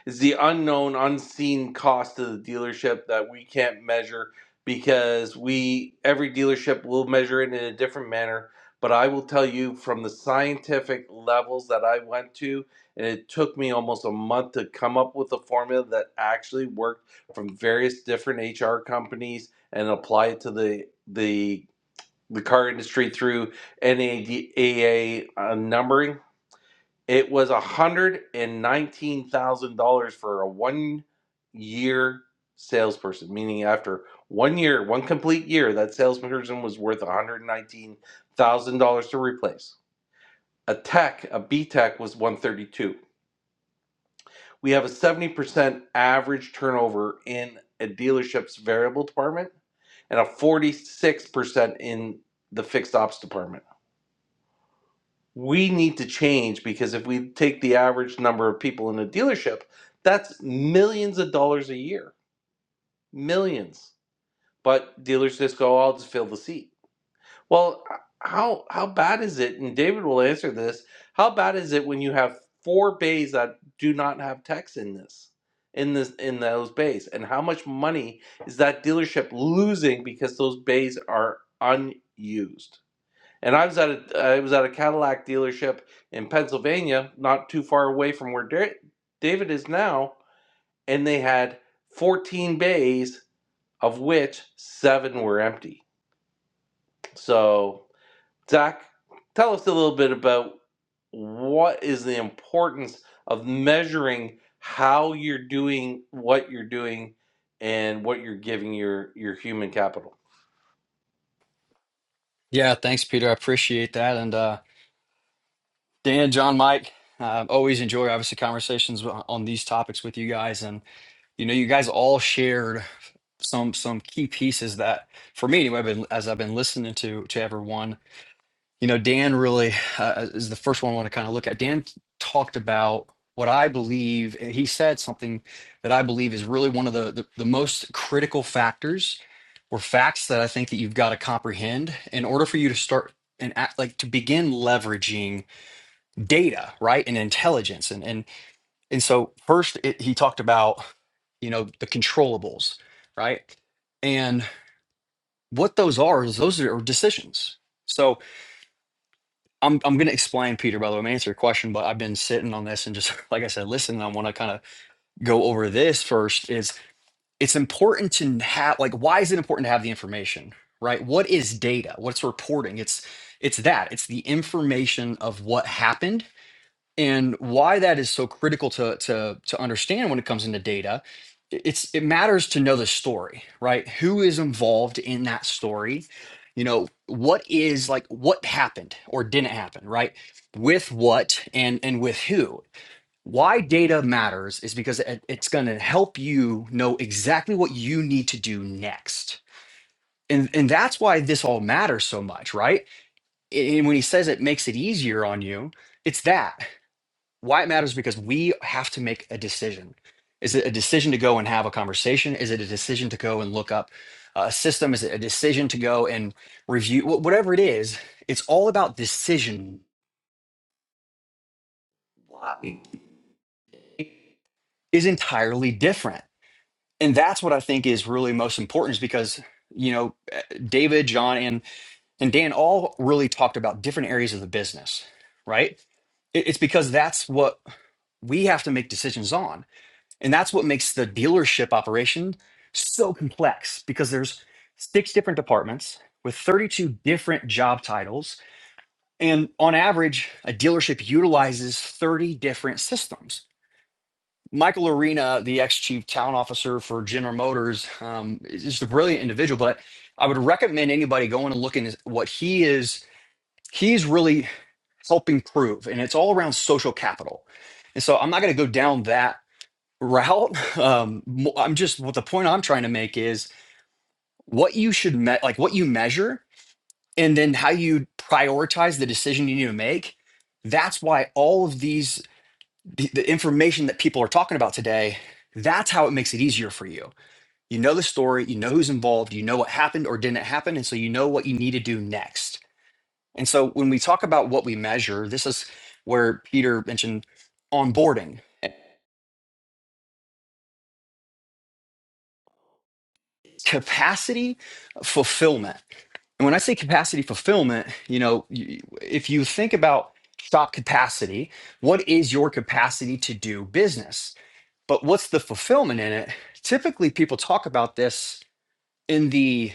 [SPEAKER 1] It's the unknown, unseen cost to the dealership that we can't measure because we every dealership will measure it in a different manner. But I will tell you from the scientific levels that I went to, and it took me almost a month to come up with a formula that actually worked from various different HR companies and apply it to the the the car industry through NADA uh, numbering it was $119,000 for a one year salesperson, meaning after one year, one complete year, that salesperson was worth $119,000 to replace. A tech, a B tech was 132. We have a 70% average turnover in a dealership's variable department and a 46% in the fixed ops department. we need to change because if we take the average number of people in a dealership, that's millions of dollars a year. Millions. But dealers just go, I'll just fill the seat. Well, how how bad is it? And David will answer this. How bad is it when you have four bays that do not have techs in this? In this in those bays? And how much money is that dealership losing because those bays are unused? And I was at a I was at a Cadillac dealership in Pennsylvania, not too far away from where David is now, and they had 14 bays, of which seven were empty. So, Zach, tell us a little bit about what is the importance of measuring how you're doing what you're doing and what you're giving your your human capital.
[SPEAKER 5] Yeah, thanks, Peter. I appreciate that. And uh, Dan, John, Mike, uh, always enjoy obviously conversations on on these topics with you guys. And you know, you guys all shared some some key pieces that, for me anyway, I've been, as I've been listening to to everyone, you know, Dan really uh, is the first one I want to kind of look at. Dan talked about what I believe, and he said something that I believe is really one of the the, the most critical factors were facts that I think that you've got to comprehend in order for you to start and act like to begin leveraging data, right, and intelligence, and and and so first it, he talked about you know the controllables, right, and what those are is those are decisions. So I'm I'm going to explain, Peter. By the way, I'm gonna answer your question, but I've been sitting on this and just like I said, listen, I want to kind of go over this first. is. it's important to have like why is it important to have the information right what is data what's reporting it's it's that it's the information of what happened and why that is so critical to to to understand when it comes into data i- it's it matters to know the story right who is involved in that story you know what is like what happened or didn't happen right with what and and with who why data matters is because it- it's going to help you know exactly what you need to do next. And, and that's why this all matters so much, right? And when he says it makes it easier on you, it's that. Why it matters is because we have to make a decision. Is it a decision to go and have a conversation? Is it a decision to go and look up a system? Is it a decision to go and review? Wh- Whatever it is, it's all about decision is entirely different. and that's what I think is really most important is because you know David, John, and and Dan all really talked about different areas of the business, right? It- It's because that's what we have to make decisions on, and that's what makes the dealership operation so complex because there's six different departments with 32 different job titles and on average a dealership utilizes 30 different systems Michael Arena, the ex chief talent officer for General Motors, um, is just a brilliant individual. But I would recommend anybody going and looking at what he is. He's really helping prove, and it's all around social capital. And so I'm not going to go down that route. Um, mo- I'm just what the point I'm trying to make is what you should me- like what you measure, and then how you prioritize the decision you need to make. That's why all of these the, the information that people are talking about today, that's how it makes it easier for you. You know the story, you know who's involved, you know what happened or didn't happen, and so you know what you need to do next. And so when we talk about what we measure, this is where Peter mentioned onboarding, capacity fulfillment. And when I say capacity fulfillment, you know, you- if you think about shop capacity, what is your capacity to do business? But what's the fulfillment in it? Typically, people talk about this in the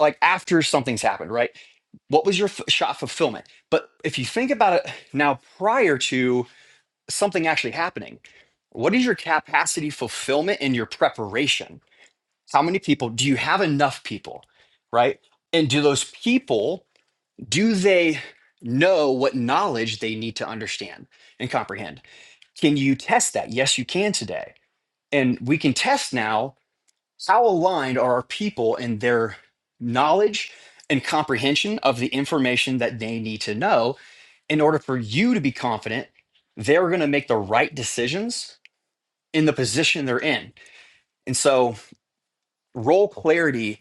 [SPEAKER 5] like after something's happened, right? What was your f- shot fulfillment? But if you think about it now, prior to something actually happening, what is your capacity fulfillment in your preparation? How many people do you have? Enough people, right? And do those people do they know what knowledge they need to understand and comprehend? Can you test that? Yes, you can today, and we can test now How aligned are our people in their knowledge and comprehension of the information that they need to know in order for you to be confident they're going to make the right decisions in the position they're in? And so, role clarity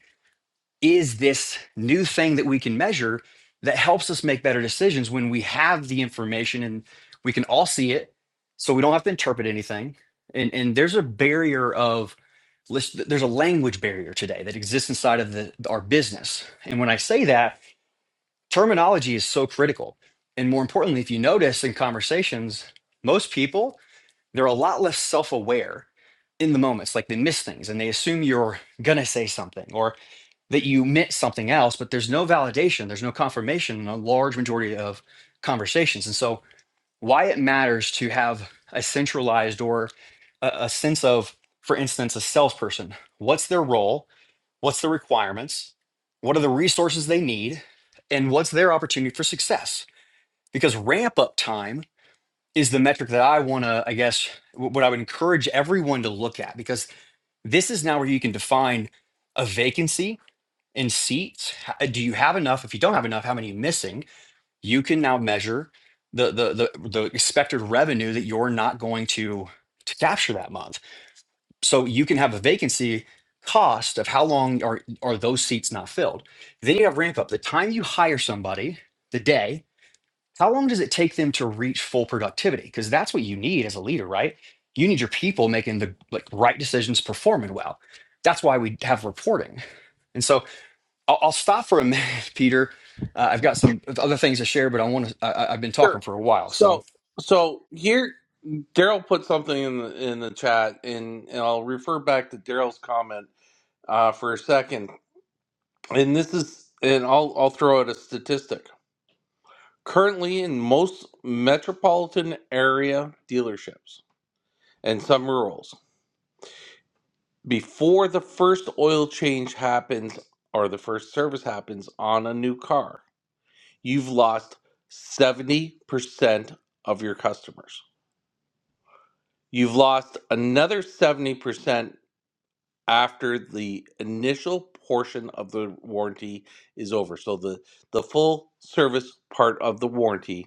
[SPEAKER 5] is this new thing that we can measure that helps us make better decisions when we have the information and we can all see it. So, we don't have to interpret anything. And, and there's a barrier of list there's a language barrier today that exists inside of the, our business and when i say that terminology is so critical and more importantly if you notice in conversations most people they're a lot less self-aware in the moments like they miss things and they assume you're gonna say something or that you meant something else but there's no validation there's no confirmation in a large majority of conversations and so why it matters to have a centralized or a, a sense of for instance a salesperson what's their role What's the requirements? What are the resources they need? And what's their opportunity for success? Because ramp up time is the metric that I want to, I guess, what I would encourage everyone to look at because this is now where you can define a vacancy in seats. Do you have enough? If you don't have enough, how many are missing? You can now measure the the the, the expected revenue that you're not going to to capture that month so you can have a vacancy cost of how long are are those seats not filled. Then you have ramp up. The time you hire somebody, the day, how long does it take them to reach full productivity? Because that's what you need as a leader, right? You need your people making the like right decisions, performing well. That's why we have reporting. And so I'll, I'll stop for a minute, Peter. Uh, I've got some other things to share, but I want to. I, I- I've been talking
[SPEAKER 1] Sure.
[SPEAKER 5] for a while, so
[SPEAKER 1] So
[SPEAKER 5] is
[SPEAKER 1] so here Daryl put something in the in the chat, and, and I'll refer back to Daryl's comment uh, for a second. And this is, and I'll I'll throw out a statistic. Currently, in most metropolitan area dealerships and some rurals, before the first oil change happens or the first service happens on a new car, you've lost seventy percent of your customers. You've lost another 70% after the initial portion of the warranty is over. So the the full service part of the warranty,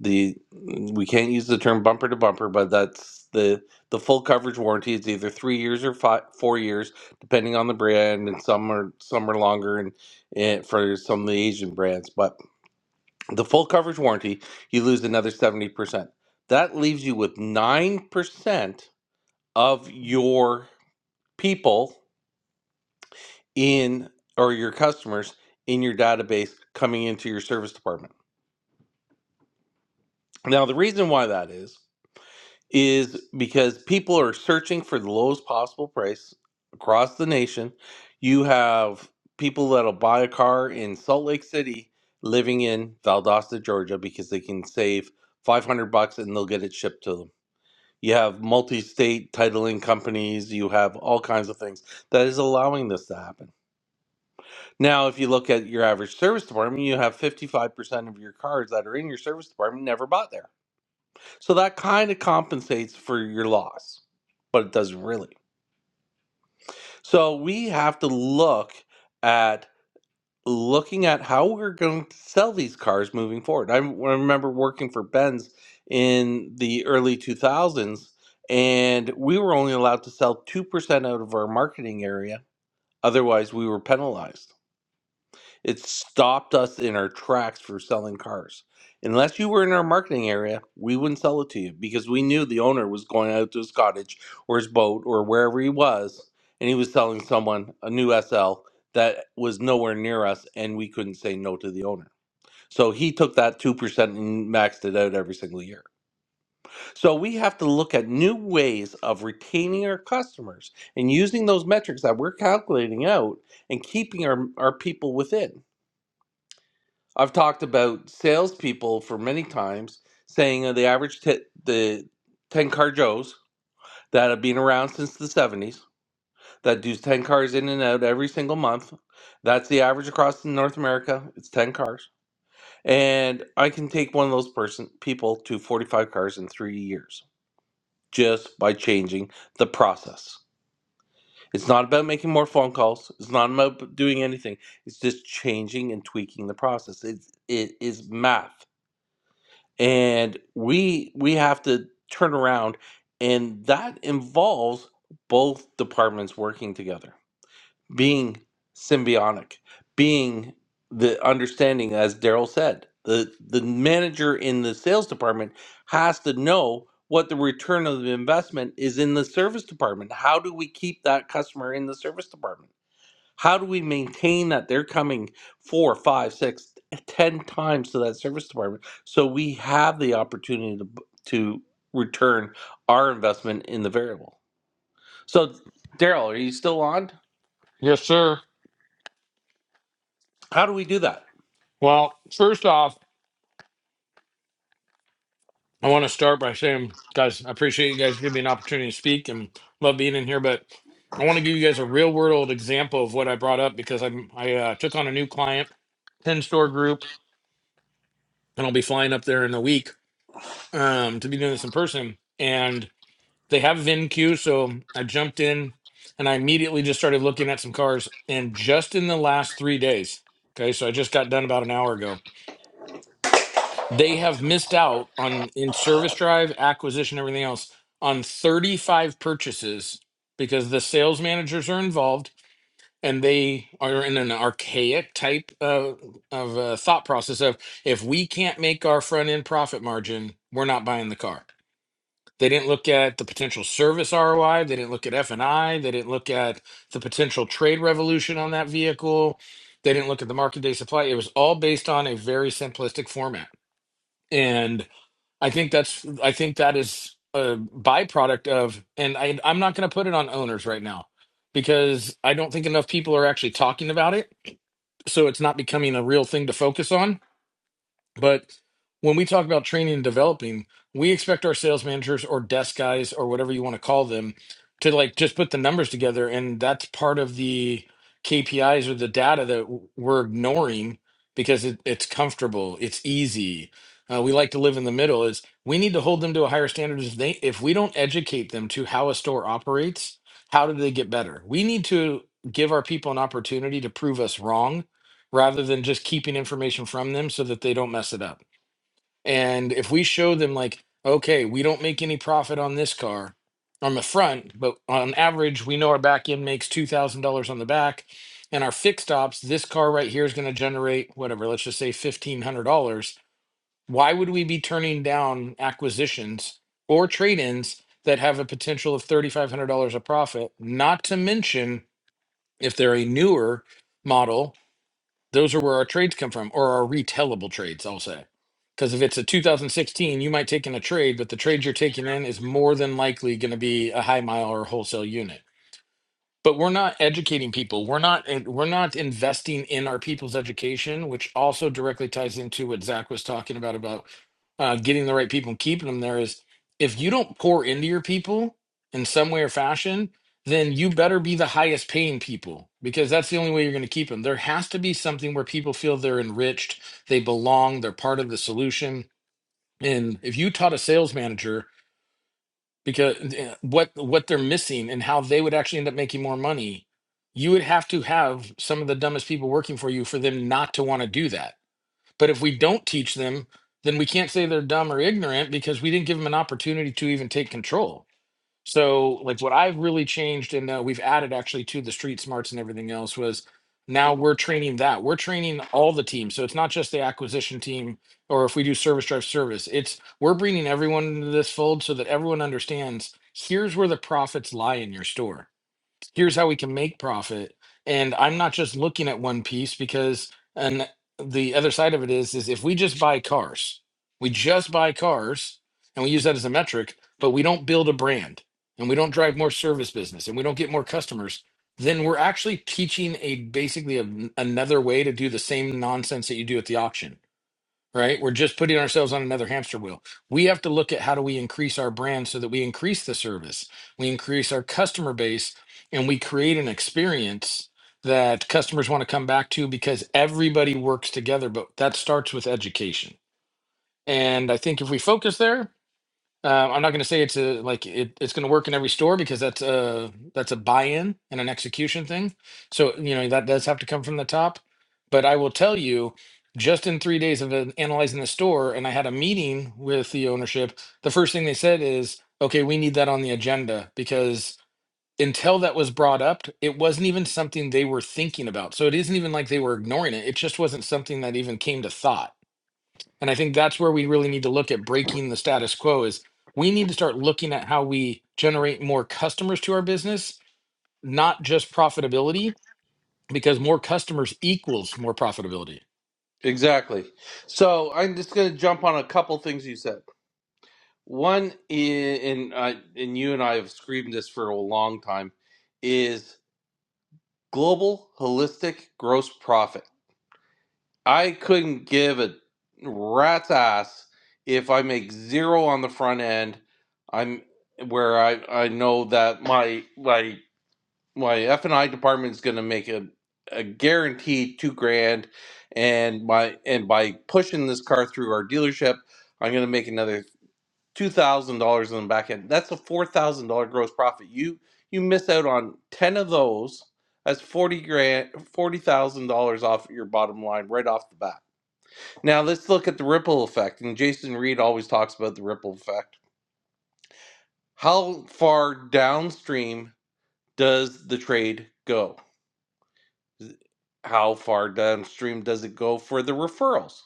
[SPEAKER 1] the mm, we can't use the term bumper to bumper, but that's the the full coverage warranty is either three years or five, four years, depending on the brand, and some are some are longer, and, and for some of the Asian brands. But the full coverage warranty, you lose another seventy percent. That leaves you with nine percent of your people in or your customers in your database coming into your service department. Now, the reason why that is is because people are searching for the lowest possible price across the nation. You have people that'll buy a car in Salt Lake City living in Valdosta, Georgia because they can save 500 bucks and they'll get it shipped to them. You have multi-state titling companies, you have all kinds of things that is allowing this to happen. Now, if you look at your average service department, you have 55% of your cars that are in your service department never bought there. So that kind of compensates for your loss, but it doesn't really. So we have to look at looking at how we're going to sell these cars moving forward. I, I remember working for Benz in the early 2000s, and we were only allowed to sell 2% out of our marketing area. Otherwise, we were penalized. It stopped us in our tracks for selling cars. Unless you were in our marketing area, we wouldn't sell it to you because we knew the owner was going out to his cottage or his boat or wherever he was, and he was selling someone a new SL that was nowhere near us, and we couldn't say no to the owner. So he took that 2% and maxed it out every single year. So we have to look at new ways of retaining our customers and using those metrics that we're calculating out and keeping our, our people within. I've talked about salespeople for many times saying uh, the average t- the ten car Joes that have been around since the seventies that do ten cars in and out every single month. That's the average across North America. It's ten cars, and I can take one of those person people to forty five cars in three years just by changing the process. It's not about making more phone calls. It's not about doing anything. It's just changing and tweaking the process. It it is math and we we have to turn around and that involves both departments working together being symbiotic being the understanding as daryl said the the manager in the sales department has to know what the return of the investment is in the service department how do we keep that customer in the service department how do we maintain that they're coming four, five, six, ten times to that service department so we have the opportunity to, to return our investment in the variable? So, Daryl, are you still on?
[SPEAKER 6] Yes, sir.
[SPEAKER 1] How do we do that?
[SPEAKER 6] Well, first off, I want to start by saying, guys, I appreciate you guys giving me an opportunity to speak and love being in here. But I want to give you guys a real world example of what I brought up because I'm, I uh, took on a new client, 10 store group, and I'll be flying up there in a week um, to be doing this in person. and. they have VinQ, so I jumped in and I immediately just started looking at some cars. And just in the last three days, okay, so I just got done about an hour ago, they have missed out on in service drive, acquisition, everything else on 35 purchases because the sales managers are involved and they are in an archaic type of, of uh, thought process of if we can't make our front end profit margin, we're not buying the car they didn't look at the potential service ROI. They didn't look at F and I. They didn't look at the potential trade revolution on that vehicle. They didn't look at the market day supply. It was all based on a very simplistic format, and I think that's I think that is a byproduct of. And I, I'm not going to put it on owners right now because I don't think enough people are actually talking about it, so it's not becoming a real thing to focus on but when we talk about training and developing, we expect our sales managers or desk guys or whatever you want to call them to like just put the numbers together. And that's part of the KPIs or the data that w- we're ignoring because it, it's comfortable, it's easy. Uh, we like to live in the middle. Is we need to hold them to a higher standard. If they, if we don't educate them to how a store operates, how do they get better? We need to give our people an opportunity to prove us wrong rather than just keeping information from them so that they don't mess it up. And if we show them, like, okay, we don't make any profit on this car on the front, but on average, we know our back end makes $2,000 on the back. And our fixed ops, this car right here is going to generate whatever, let's just say $1,500. Why would we be turning down acquisitions or trade ins that have a potential of $3,500 a profit? Not to mention if they're a newer model those are where our trades come from, or our retellable trades, I'll say. Because if it's a 2016, you might take in a trade, but the trade you're taking in is more than likely going to be a high mile or wholesale unit but we're not educating people we're not and we're not investing in our people's education which also directly ties into what zach was talking about about uh, getting the right people and keeping them there is if you don't pour into your people in some way or fashion then you better be the highest paying people because that's the only way you're going to keep them there has to be something where people feel they're enriched they belong they're part of the solution and if you taught a sales manager because eh, what what they're missing and how they would actually end up making more money you would have to have some of the dumbest people working for you for them not to want to do that but if we don't teach them then we can't say they're dumb or ignorant because we didn't give them an opportunity to even take control so like what I've really changed and uh, we've added actually to the street smarts and everything else was now we're training that we're training all the teams. So it's not just the acquisition team or if we do service drive service, it's we're bringing everyone into this fold so that everyone understands here's where the profits lie in your store here's how we can make profit and i'm not just looking at one piece because and the other side of it is is if we just buy cars we just buy cars and we use that as a metric but we don't build a brand and we don't drive more service business and we don't get more customers then we're actually teaching a basically a, another way to do the same nonsense that you do at the auction right? We're just putting ourselves on another hamster wheel. We have to look at how do we increase our brand so that we increase the service, we increase our customer base, and we create an experience that customers want to come back to because everybody works together. But that starts with education. And I think if we focus there, um, I'm not going to say it's a like it, it's going to work in every store because that's a that's a buy-in and an execution thing. So you know that does have to come from the top. But I will tell you, just in three days of an- analyzing the store, and I had a meeting with the ownership. The first thing they said is, "Okay, we need that on the agenda because until that was brought up, it wasn't even something they were thinking about. So it isn't even like they were ignoring it. It just wasn't something that even came to thought." And I think that's where we really need to look at breaking the status quo is we need to start looking at how we generate more customers to our business, not just profitability, because more customers equals more profitability.
[SPEAKER 1] Exactly. So I'm just going to jump on a couple things you said. One, i- and I, and you and I have screamed this for a long time, is global holistic gross profit. I couldn't give a rat's ass if I make zero on the front end. I'm where I I know that my my my F and I department is going to make a a guaranteed two grand, and my and by pushing this car through our dealership, I'm going to make another two thousand dollars on the back end. That's a four thousand dollar gross profit. You you miss out on ten of those. That's forty grand, forty thousand dollars off your bottom line right off the bat now let's look at the ripple effect, and Jason Reed always talks about the ripple effect. How far downstream does the trade go? How far downstream does it go for the referrals?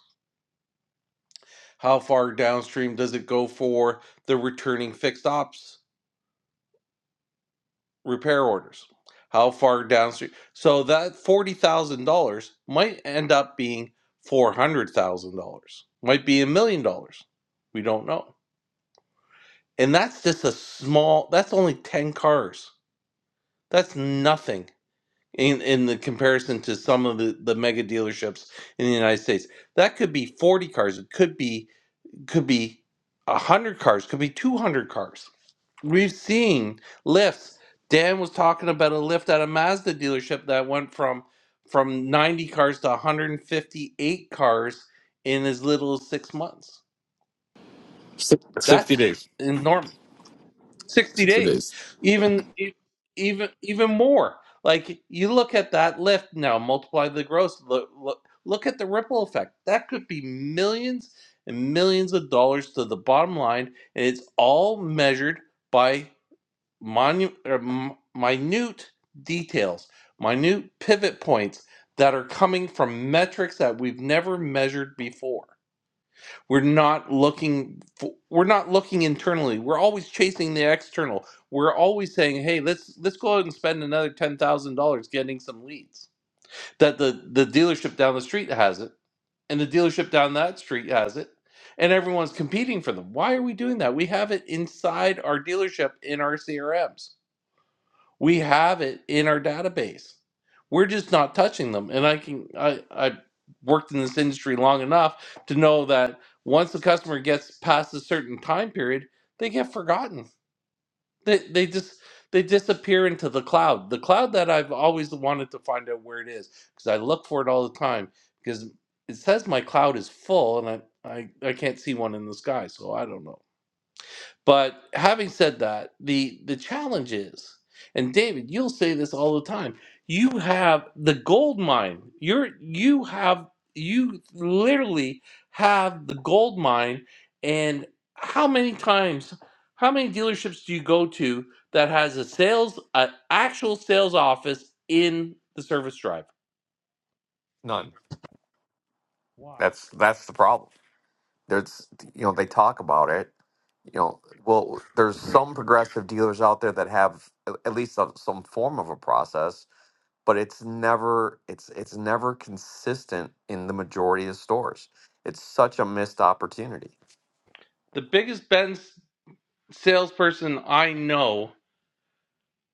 [SPEAKER 1] How far downstream does it go for the returning fixed ops repair orders? How far downstream? So that forty thousand dollars might end up being four hundred thousand dollars, might be a million dollars. We don't know. and that's just a small that's only 10 cars that's nothing in in the comparison to some of the the mega dealerships in the united states that could be 40 cars it could be could be 100 cars could be 200 cars we've seen lifts dan was talking about a lift at a mazda dealership that went from from 90 cars to 158 cars in as little as six months
[SPEAKER 4] Si- 60
[SPEAKER 1] that's
[SPEAKER 4] days.
[SPEAKER 1] enormous 60
[SPEAKER 4] 60
[SPEAKER 1] days
[SPEAKER 4] days.
[SPEAKER 1] even e- even even more like you look at that lift now multiply the gross look, look look at the ripple effect that could be millions and millions of dollars to the bottom line and it's all measured by monu- or m- minute details minute pivot points that are coming from metrics that we've never measured before we're not looking for, we're not looking internally. We're always chasing the external. We're always saying, "Hey, let's let's go out and spend another $10,000 getting some leads." That the the dealership down the street has it and the dealership down that street has it and everyone's competing for them. Why are we doing that? We have it inside our dealership in our CRMs we have it in our database. We're just not touching them. And I can I I worked in this industry long enough to know that once the customer gets past a certain time period, they get forgotten. They they just they disappear into the cloud. The cloud that I've always wanted to find out where it is because I look for it all the time because it says my cloud is full and I, I I can't see one in the sky, so I don't know. But having said that, the the challenge is, and David, you'll say this all the time. You have the gold mine. You're you have you literally have the gold mine. And how many times, how many dealerships do you go to that has a sales, an actual sales office in the service drive?
[SPEAKER 3] None. That's that's the problem. There's you know they talk about it. You know, well there's some progressive dealers out there that have a- at least some, some form of a process, but it's never it's it's never consistent in the majority of stores. It's such a missed opportunity
[SPEAKER 1] The biggest Benz salesperson I know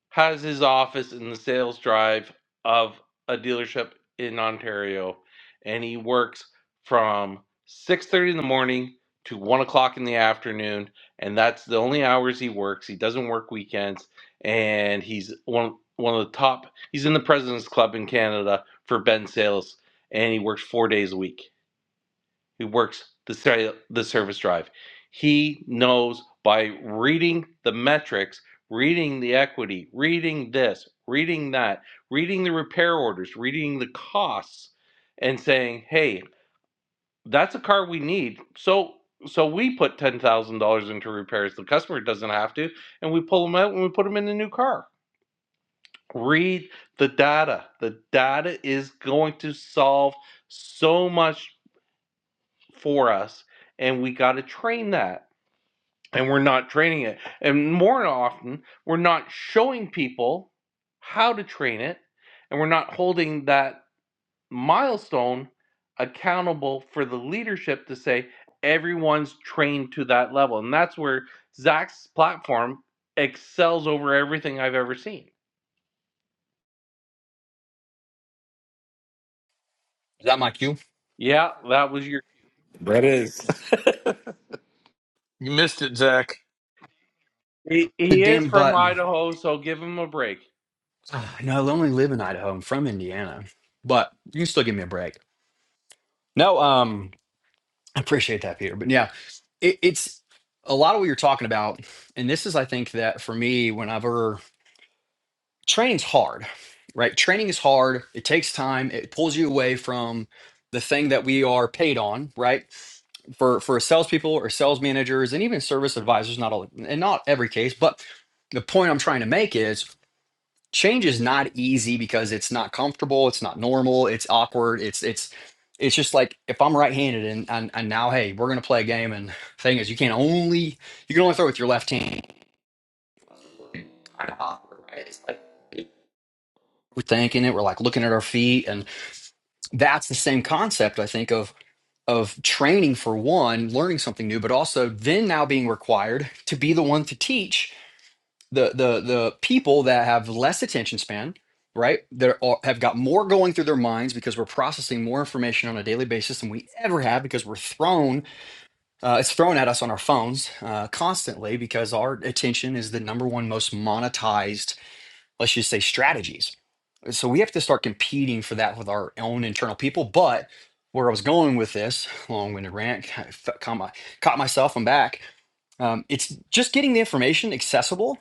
[SPEAKER 1] has his office in the sales drive of a dealership in Ontario, and he works from 6:30 in the morning to one o'clock in the afternoon, and that's the only hours he works. He doesn't work weekends, and he's one one of the top. He's in the President's Club in Canada for Ben Sales, and he works four days a week who works the, ser- the service drive. He knows by reading the metrics, reading the equity, reading this, reading that, reading the repair orders, reading the costs, and saying, hey, that's a car we need. So so we put ten thousand dollars into repairs. The customer doesn't have to, and we pull them out and we put them in a new car. Read the data. The data is going to solve so much for us and we got to train that and we're not training it and more often we're not showing people how to train it and we're not holding that milestone accountable for the leadership to say everyone's trained to that level and that's where zach's platform excels over everything i've ever seen
[SPEAKER 5] that my cue?
[SPEAKER 1] yeah that was your
[SPEAKER 4] That is.
[SPEAKER 6] You missed it, Zach.
[SPEAKER 1] he,
[SPEAKER 5] The
[SPEAKER 1] he is
[SPEAKER 5] damn
[SPEAKER 1] from
[SPEAKER 5] button.
[SPEAKER 1] idaho so give him a break
[SPEAKER 5] Ah, No, I only live in Idaho. I'm from Indiana, but you can still give me a break. No, um, I appreciate that, Peter. But yeah, it, it's a lot of what you're talking about, and this is, I think, that for me, whenever training's hard, right? Training is hard. It takes time. It pulls you away from the thing that we are paid on, right? For for salespeople or sales managers, and even service advisors, not all, in not every case, but the point I'm trying to make is change is not easy because it's not comfortable it's not normal it's awkward it's it's it's just like if i'm right-handed and and, and now hey we're going to play a game and the thing is you can only you can only throw with your left hand Kinda awkward, right? It's like we're thinking it we're like looking at our feet and that's the same concept i think of of training for one learning something new but also then now being required to be the one to teach the the the people that have less attention span right that have got more going through their minds because we're processing more information on a daily basis than we ever have because we're thrown uh, it's thrown at us on our phones uh, constantly because our attention is the number one most monetized let's just say strategies so we have to start competing for that with our own internal people but where i was going with this long-winded rant kind caught, caught myself i'm back um, it's just getting the information accessible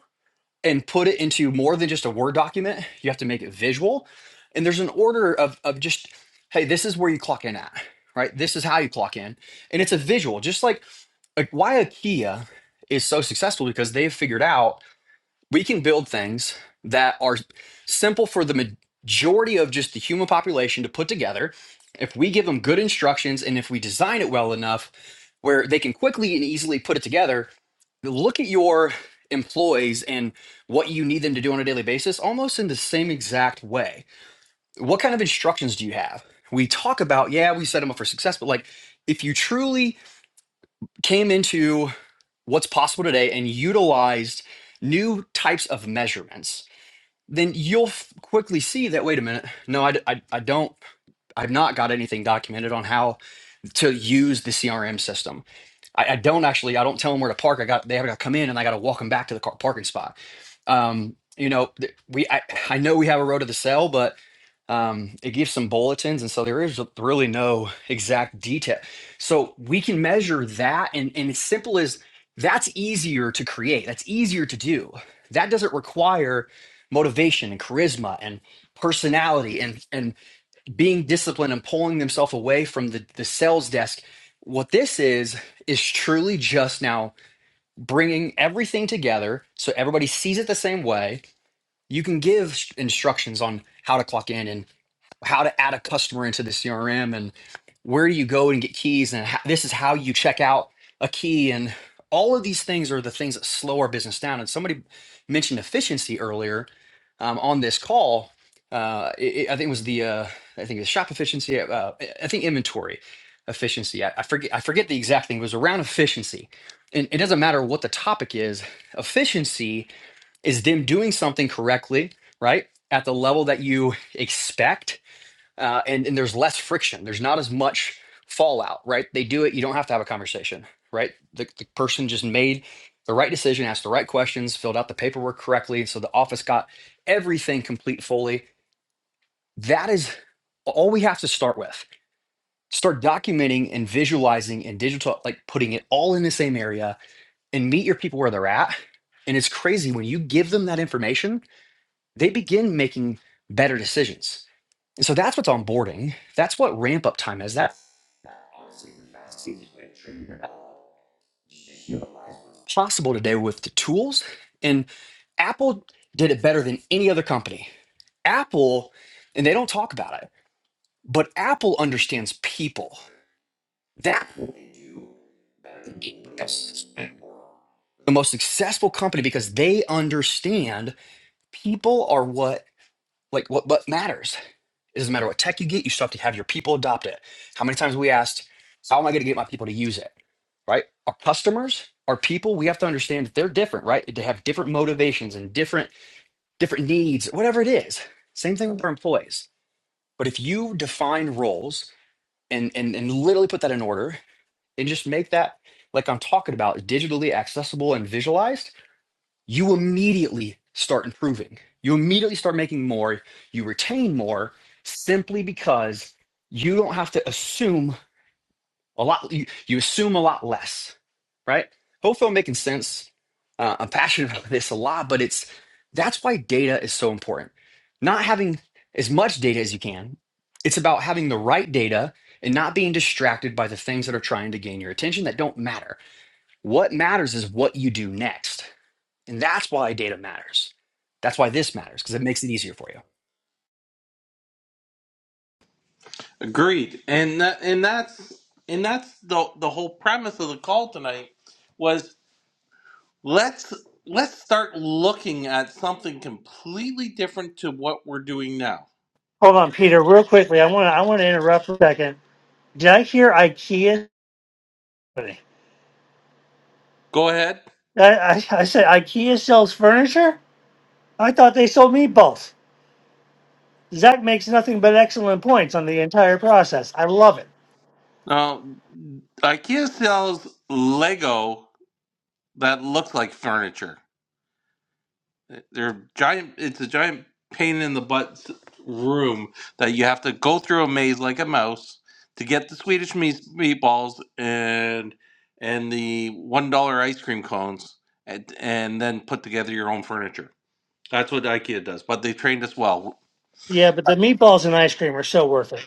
[SPEAKER 5] and put it into more than just a Word document. You have to make it visual. And there's an order of, of just, hey, this is where you clock in at, right? This is how you clock in. And it's a visual, just like, like why IKEA is so successful because they've figured out we can build things that are simple for the majority of just the human population to put together if we give them good instructions and if we design it well enough where they can quickly and easily put it together look at your employees and what you need them to do on a daily basis almost in the same exact way what kind of instructions do you have we talk about yeah we set them up for success but like if you truly came into what's possible today and utilized new types of measurements then you'll f- quickly see that wait a minute no I, d- I- I don't i've not got anything documented on how to use the crm system I, I don't actually i don't tell them where to park i got they have got to come in and i got to walk them back to the car parking spot um you know th- we I, I know we have a road to the cell but um, it gives some bulletins, and so there is really no exact detail. So we can measure that, and, and as simple as that's easier to create, that's easier to do. That doesn't require motivation and charisma and personality and and being disciplined and pulling themselves away from the, the sales desk. What this is is truly just now bringing everything together so everybody sees it the same way. You can give instructions on how to clock in and how to add a customer into the CRM and where do you go and get keys and how, this is how you check out a key and all of these things are the things that slow our business down. And somebody mentioned efficiency earlier um, on this call. Uh, it, it- I think it was the uh, I think it was shop efficiency. Uh, I think inventory efficiency. I, I forget I forget the exact thing. It was around efficiency, and it doesn't matter what the topic is. Efficiency is them doing something correctly, right, at the level that you expect uh, and and there's less friction. There's not as much fallout, right? They do it. You don't have to have a conversation, right? The, the person just made the right decision, asked the right questions, filled out the paperwork correctly, so the office got everything complete fully. That is all we have to start with. Start documenting and visualizing and digital, like putting it all in the same area, and meet your people where they're at. And it's crazy when you give them that information, they begin making better decisions. And so that's what's onboarding. That's what ramp up time is. That possible today with the tools. And Apple did it better than any other company. Apple, and they don't talk about it, but Apple understands people. That is the most successful company because they understand people are what like what what matters. It doesn't matter what tech you get, you still have to have your people adopt it. How many times we asked, how am I going to get my people to use it? right? Our customers, our people, we have to understand that they're different, right? They have different motivations and different different needs, whatever it is. Same thing with our employees. But if you define roles and and and literally put that in order and just make that like I'm talking about digitally accessible and visualized, you immediately start improving. You immediately start making more, you retain more simply because you don't have to assume a lot you, you assume a lot less, right? Hopefully, I'm making sense. Uh, I'm passionate about this a lot, but it's that's why data is so important. Not having as much data as you can. It's about having the right data and not being distracted by the things that are trying to gain your attention that don't matter. What matters is what you do next. And that's why data matters. That's why this matters because it makes it easier for you.
[SPEAKER 1] Agreed, and that, and that's and that's the the whole premise of the call tonight was let's let's start looking at something completely different to what we're doing now.
[SPEAKER 7] Hold on, Peter, real quickly. I want to I want to interrupt for a second. Did I hear IKEA? I,
[SPEAKER 1] Go ahead.
[SPEAKER 7] I, I said IKEA sells furniture. I thought they sold meatballs. Zach makes nothing but excellent points on the entire process. I love it.
[SPEAKER 1] Now, IKEA sells Lego that looks like furniture. They're giant. It's a giant pain in the butt s- room that you have to go through a maze like a mouse to get the Swedish meas- meatballs and and the one dollar ice cream cones, and, and then put together your own furniture. That's what IKEA does, but they trained us well.
[SPEAKER 7] Yeah, but the meatballs and ice cream are so worth it.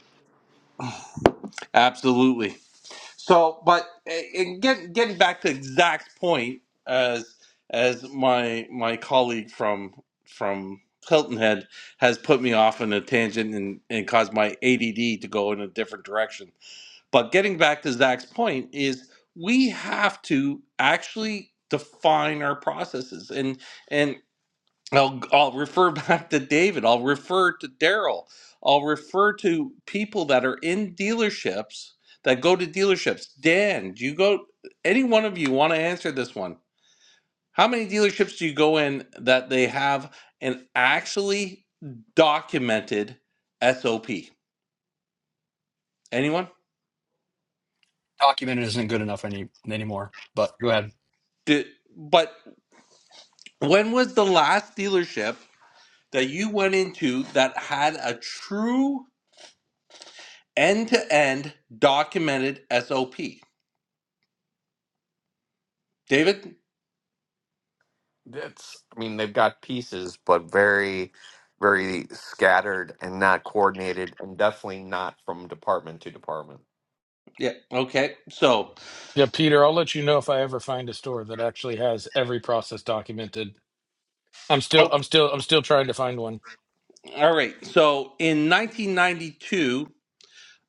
[SPEAKER 1] Absolutely. So, but eh, and get, getting back to Zach's point, as as my my colleague from from Hilton Head has put me off on a tangent and, and caused my ADD to go in a different direction. But getting back to Zach's point is we have to actually define our processes and and I'll, I'll refer back to David. I'll refer to Daryl. I'll refer to people that are in dealerships that go to dealerships. Dan, do you go? Any one of you want to answer this one? How many dealerships do you go in that they have an actually documented SOP? Anyone?
[SPEAKER 5] Documented isn't good enough any anymore. But go ahead,
[SPEAKER 1] Do, but when was the last dealership that you went into that had a true end to end documented SOP? David?
[SPEAKER 3] That's, I mean, they've got pieces, but very, very scattered and not coordinated, and definitely not from department to department.
[SPEAKER 1] Yeah. Okay. So,
[SPEAKER 6] Yeah, Peter, I'll let you know if I ever find a store that actually has every process documented. I'm still I'm still I'm still trying to find one.
[SPEAKER 1] all right. So in 1992,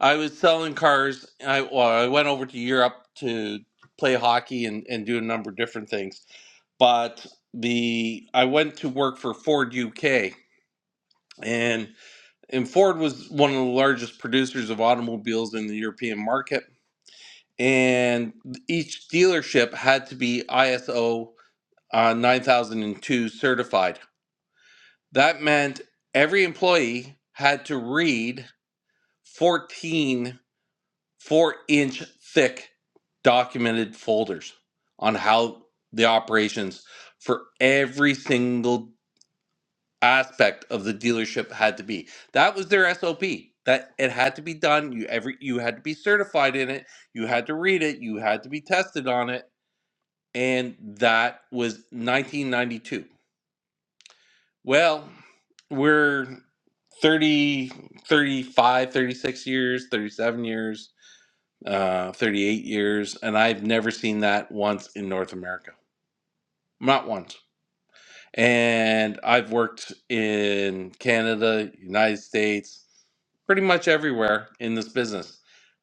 [SPEAKER 1] I was selling cars. I well, I went over to Europe to play hockey and, and do a number of different things. But the I went to work for Ford UK, and and Ford was one of the largest producers of automobiles in the European market. And each dealership had to be ISO uh, 9002 certified That meant every employee had to read 14 inch thick documented folders on how the operations for every single aspect of the dealership had to be. That was their SOP. That it had to be done. You every you had to be certified in it. You had to read it. You had to be tested on it. And that was 1992. Well, we're 30, 35, 36 years 37 years uh 38 years and i've never seen that once in north america not once and i've worked in canada united states pretty much everywhere in this business.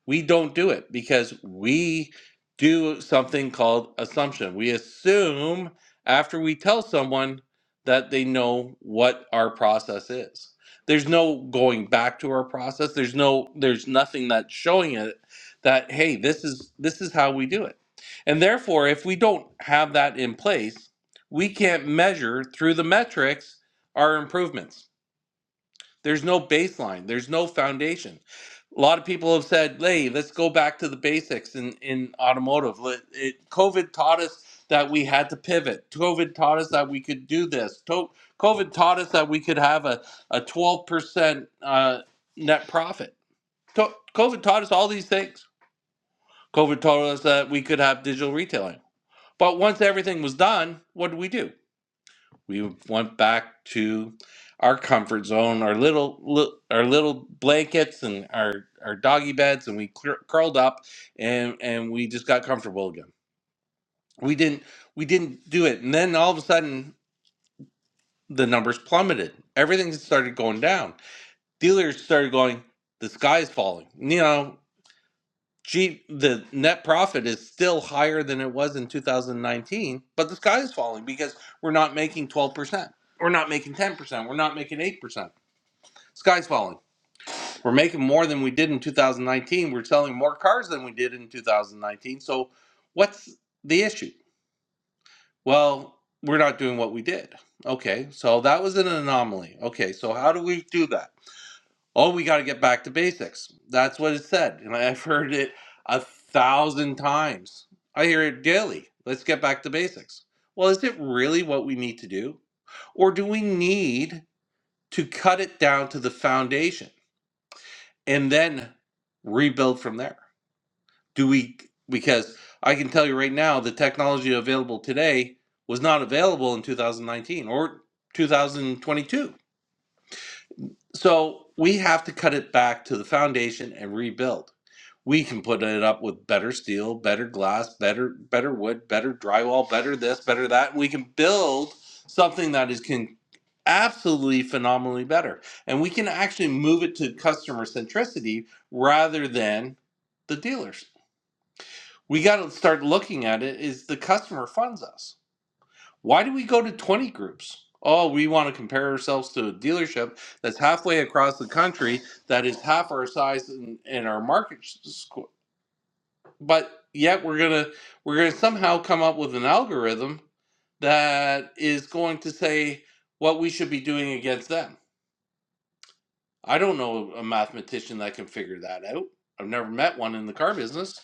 [SPEAKER 1] We don't do it because we do something called assumption. We assume after we tell someone that they know what our process is. There's no going back to our process. There's no there's nothing that's showing it that hey, this is this is how we do it. And therefore, if we don't have that in place, we can't measure through the metrics our improvements there's no baseline. There's no foundation. A lot of people have said, "Hey, let's go back to the basics in in automotive." Let- It, COVID taught us that we had to pivot. COVID taught us that we could do this. To- COVID taught us that we could have a a twelve percent uh, net profit. To- COVID taught us all these things. COVID taught us that we could have digital retailing. But once everything was done, what did we do? We went back to our comfort zone, our little li- our little blankets and our our doggy beds, and we cur- curled up and and we just got comfortable again. We didn't we didn't do it, and then all of a sudden the numbers plummeted. Everything started going down. Dealers started going, the sky is falling. You know, G the net profit is still higher than it was in 2019, but the sky is falling because we're not making 12%. We're not making 10%. We're not making 8%. Sky's falling. We're making more than we did in 2019. We're selling more cars than we did in 2019. So what's the issue? Well, we're not doing what we did. Okay, so that was an anomaly. Okay, so how do we do that? Oh, we got to get back to basics. That's what it said. And I've heard it a thousand times. I hear it daily. Let's get back to basics. Well, is it really what we need to do? Or do we need to cut it down to the foundation? and then rebuild from there. Do we? Because I can tell you right now, the technology available today was not available in 2019 or 2022. So we have to cut it back to the foundation and rebuild. We can put it up with better steel, better glass, better better wood, better drywall, better this, better that. We can build something that is can absolutely phenomenally better. And we can actually move it to customer centricity rather than the dealers. We got to start looking at it is the customer funds us. Why do we go to 20 groups? Oh, we want to compare ourselves to a dealership that's halfway across the country that is half our size and, and our market score. But yet we're going to we're going to somehow come up with an algorithm that is going to say what we should be doing against them I don't know a mathematician that can figure that out. I've never met one in the car business.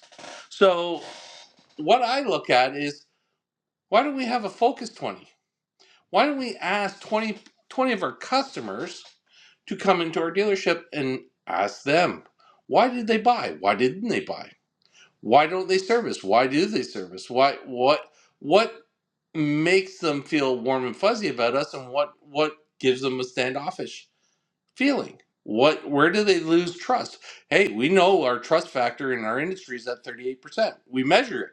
[SPEAKER 1] So, what I look at is why don't we have a focus 20? Why don't we ask 20 20 of our customers to come into our dealership and ask them, why did they buy? Why didn't they buy? Why don't they service? Why do they service? Why what what makes them feel warm and fuzzy about us and what what gives them a standoffish? feeling what where do they lose trust hey we know our trust factor in our industry is at 38% we measure it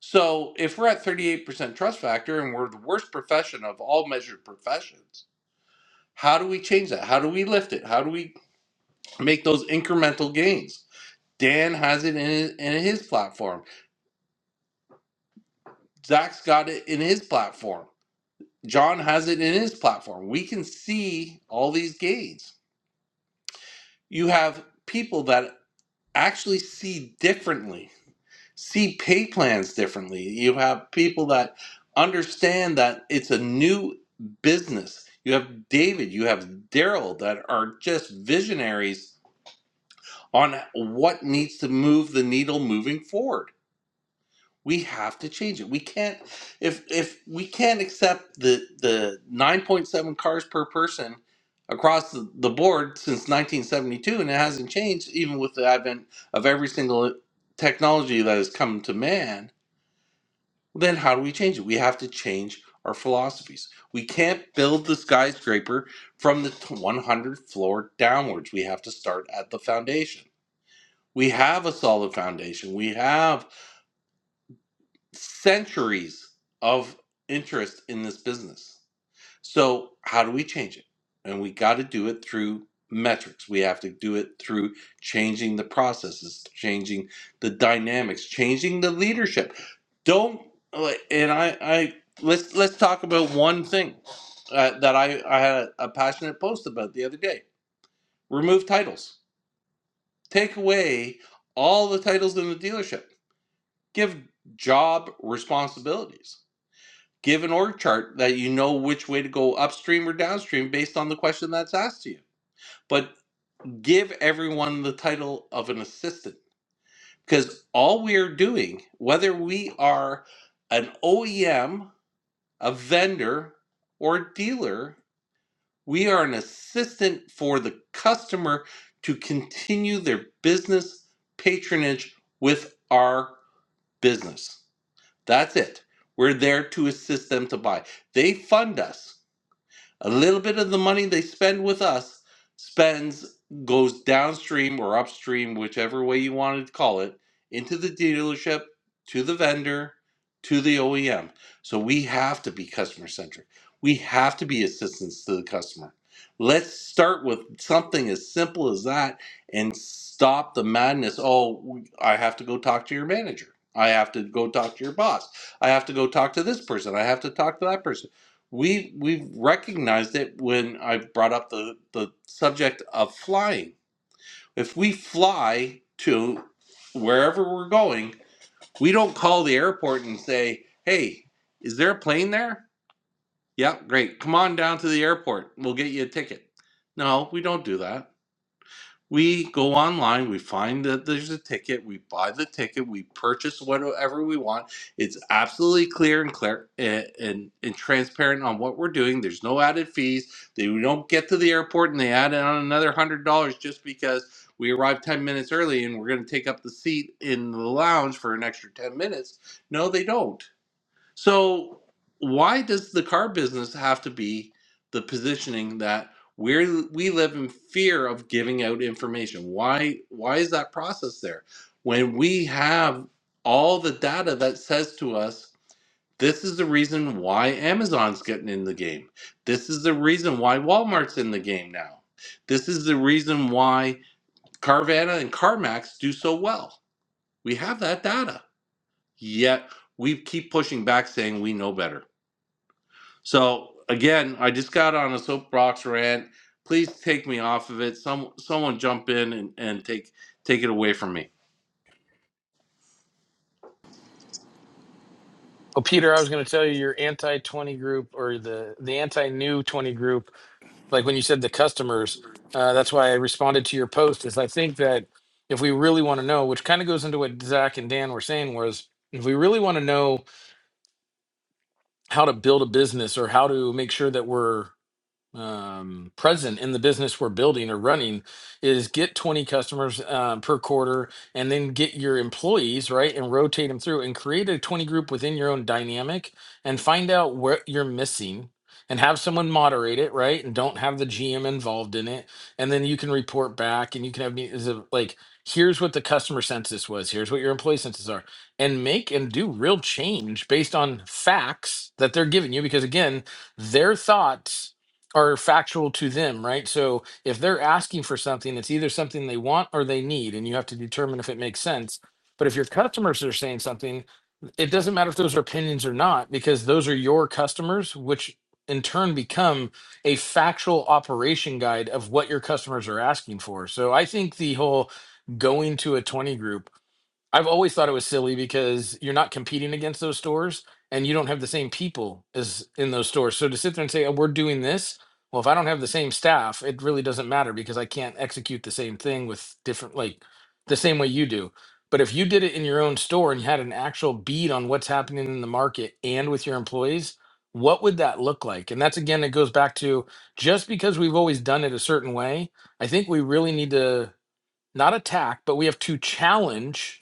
[SPEAKER 1] so if we're at 38% trust factor and we're the worst profession of all measured professions how do we change that how do we lift it how do we make those incremental gains dan has it in, his, in his platform zach's got it in his platform john has it in his platform we can see all these gains you have people that actually see differently see pay plans differently. You have people that understand that it's a new business. You have David, you have Daryl that are just visionaries on what needs to move the needle moving forward. We have to change it. We can't if if we can't accept the the 9.7 cars per person across the, the board since 1972 and it hasn't changed even with the advent of every single technology that has come to man then how do we change it? We have to change our philosophies. We can't build the skyscraper from the 100th floor downwards. We have to start at the foundation. We have a solid foundation. We have centuries of interest in this business. So, how do we change it? And we got to do it through metrics. We have to do it through changing the processes, changing the dynamics, changing the leadership. Don't like, and I, I let's let's talk about one thing uh, that I I had a, a passionate post about the other day. Remove titles. Take away all the titles in the dealership. Give job responsibilities give an org chart that you know which way to go upstream or downstream based on the question that's asked to you. But give everyone the title of an assistant because all we are doing, whether we are an OEM, a vendor, or a dealer, we are an assistant for the customer to continue their business patronage with our business. That's it. We're there to assist them to buy. They fund us A little bit of the money they spend with us spends goes downstream or upstream, whichever way you want to call it, into the dealership, to the vendor, to the OEM. So we have to be customer centric. We have to be assistance to the customer. Let's start with something as simple as that and stop the madness. Oh, I have to go talk to your manager. I have to go talk to your boss. I have to go talk to this person. I have to talk to that person we we've recognized it when I brought up the the subject of flying. If we fly to wherever we're going, we don't call the airport and say, "Hey, is there a plane there?" Yeah, great. Come on down to the airport. We'll get you a ticket. No, we don't do that we go online, we find that there's a ticket, we buy the ticket, we purchase whatever we want. It's absolutely clear and clear and, and, and transparent on what we're doing. There's no added fees. They we don't get to the airport and they add on another one hundred dollars just because we arrived ten minutes early and we're going to take up the seat in the lounge for an extra ten minutes. No, they don't. So why does the car business have to be the positioning that we we live in fear of giving out information? Why why is that process there when we have all the data that says to us this is the reason why Amazon's getting in the game. This is the reason why Walmart's in the game now. This is the reason why Carvana and CarMax do so well. We have that data. Yet we keep pushing back saying we know better. So again, I just got on a soapbox rant. Please take me off of it. Some someone jump in and, and take take it away from me.
[SPEAKER 6] Oh, Peter, I was going to tell you your anti 20 group or the the anti new 20 group like when you said the customers uh, that's why i responded to your post is i think that if we really want to know which kind of goes into what zach and dan were saying was if we really want to know how to build a business or how to make sure that we're um, present in the business we're building or running is get 20 customers uh, per quarter and then get your employees right and rotate them through and create a 20 group within your own dynamic and find out what you're missing and have someone moderate it right and don't have the gm involved in it and then you can report back and you can have me is it like here's what the customer census was here's what your employee census are and make and do real change based on facts that they're giving you because again their thoughts are factual to them, right? So if they're asking for something, it's either something they want or they need, and you have to determine if it makes sense. But if your customers are saying something, it doesn't matter if those are opinions or not, because those are your customers, which in turn become a factual operation guide of what your customers are asking for. So I think the whole going to a 20 group I've always thought it was silly because you're not competing against those stores and you don't have the same people as in those stores. So to sit there and say, oh, we're doing this, well, if I don't have the same staff, it really doesn't matter because I can't execute the same thing with different, like the same way you do. But if you did it in your own store and you had an actual bead on what's happening in the market and with your employees, what would that look like? And that's again, it goes back to just because we've always done it a certain way, I think we really need to not attack, but we have to challenge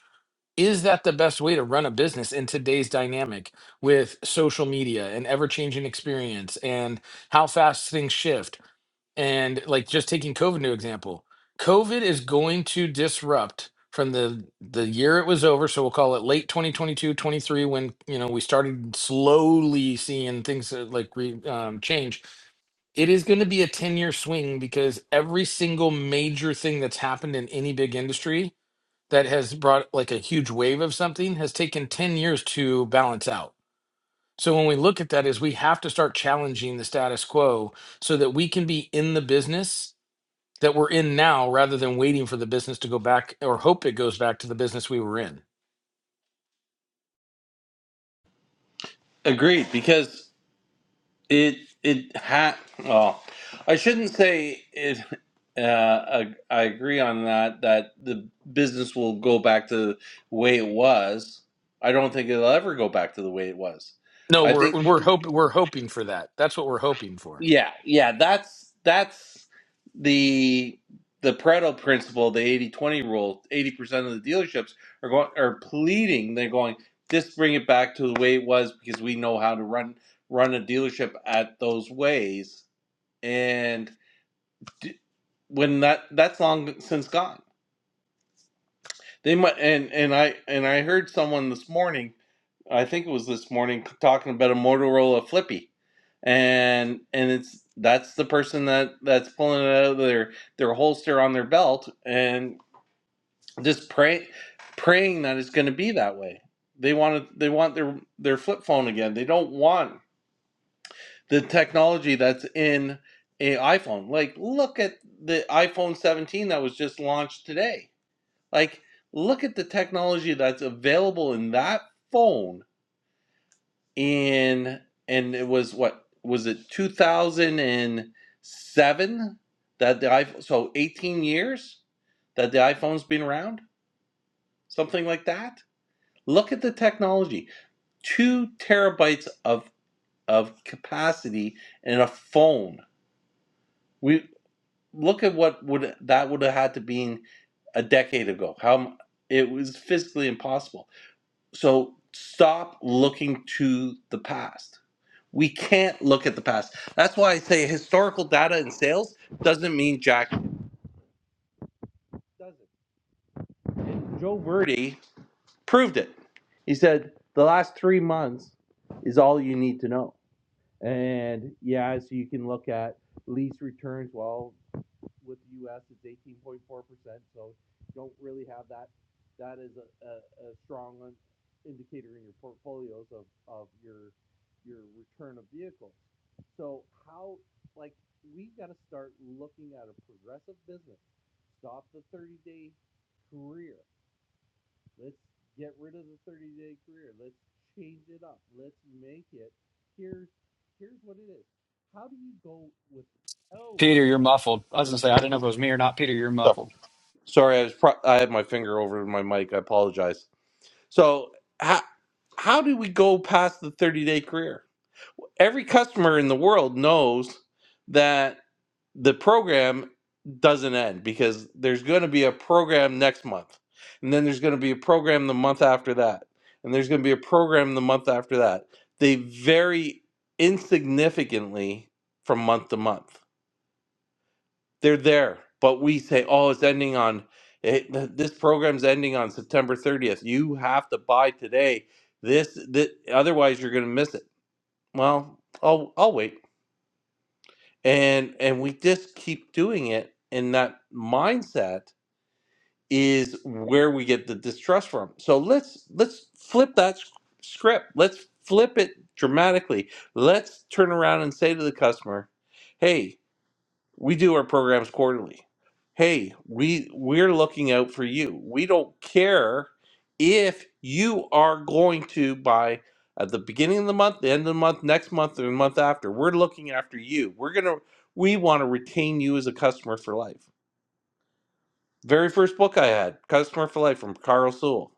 [SPEAKER 6] is that the best way to run a business in today's dynamic with social media and ever changing experience and how fast things shift? And like just taking COVID new example, COVID is going to disrupt from the the year it was over, so we'll call it late 2022, 23, when, you know, we started slowly seeing things uh, like re, um, change. It is going to be a 10-year swing because every single major thing that's happened in any big industry that has brought like a huge wave of something has taken 10 years to balance out. So when we look at that is we have to start challenging the status quo so that we can be in the business that we're in now rather than waiting for the business to go back or hope it goes back to the business we were in.
[SPEAKER 1] Agreed, because it it ha well, I shouldn't say it. Uh, I, I agree on that. That the business will go back to the way it was. I don't think it'll ever go back to the way it was.
[SPEAKER 6] No,
[SPEAKER 1] I
[SPEAKER 6] we're
[SPEAKER 1] think.
[SPEAKER 6] we're hope we're hoping for that. That's what we're hoping for.
[SPEAKER 1] Yeah, yeah, that's that's the the Pareto principle, the eighty twenty rule. 80% of the dealerships are going are pleading, they're going, just bring it back to the way it was because we know how to run run a dealership at those ways. And d- when that that's long since gone. They might, and and I and I heard someone this morning, I think it was this morning, talking about a Motorola Flippy, and and it's that's the person that that's pulling it out of their their holster on their belt and just pray praying that it's going to be that way. They want to, they want their their flip phone again. They don't want the technology that's in a iPhone. Like look at the iPhone 17 that was just launched today like, look at the technology that's available in that phone. In and it was what was it 2007 that the iPhone? So 18 years that the iPhone's been around, something like that. Look at the technology. Two terabytes of of capacity in a phone. We look at what would that would have had to be a decade ago. How it was physically impossible. So stop looking to the past. We can't look at the past. That's why I say historical data in sales doesn't mean jack. Doesn't. Joe Verdi proved it. He said the last three months is all you need to know. And yeah, so you can look at lease returns. Well, with the U.S. It's 18.4%. So don't really have that. That is a, a, a strong indicator in your portfolios of, of your your return of vehicles. So how like we've got to start looking at a progressive business. Stop the 30 day career. Let's get rid of the 30 day career. Let's change it up. Let's make it. Here's here's what it is. How do you go with oh
[SPEAKER 5] Peter, you're muffled. I was gonna say I didn't know if it was me or not. Peter, you're muffled.
[SPEAKER 1] Sorry, I was pro- I had my finger over my mic. I apologize. So how how do we go past the thirty day career? Every customer in the world knows that the program doesn't end because there's going to be a program next month, and then there's going to be a program the month after that, and there's going to be a program the month after that. They vary insignificantly from month to month they're there but we say oh it's ending on it, th- this program's ending on september 30th you have to buy today this, this otherwise you're going to miss it well I'll, I'll wait and and we just keep doing it and that mindset is where we get the distrust from so let's let's flip that s- script let's flip it dramatically let's turn around and say to the customer "Hey." we do our programs quarterly hey we we're looking out for you we don't care if you are going to buy at the beginning of the month the end of the month next month or the month after we're looking after you we're gonna we want to retain you as a customer for life very first book i had customer for life from carl sewell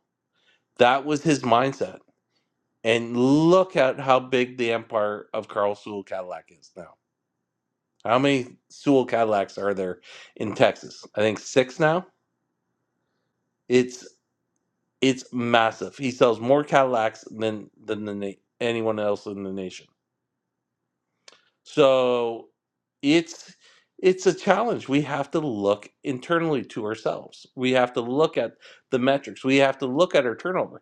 [SPEAKER 1] that was his mindset and look at how big the empire of carl sewell cadillac is now How many Sewell Cadillacs are there in Texas? I think six now. It's it's massive. He sells more Cadillacs than than the na- anyone else in the nation. So it's it's a challenge. We have to look internally to ourselves. We have to look at the metrics. We have to look at our turnover.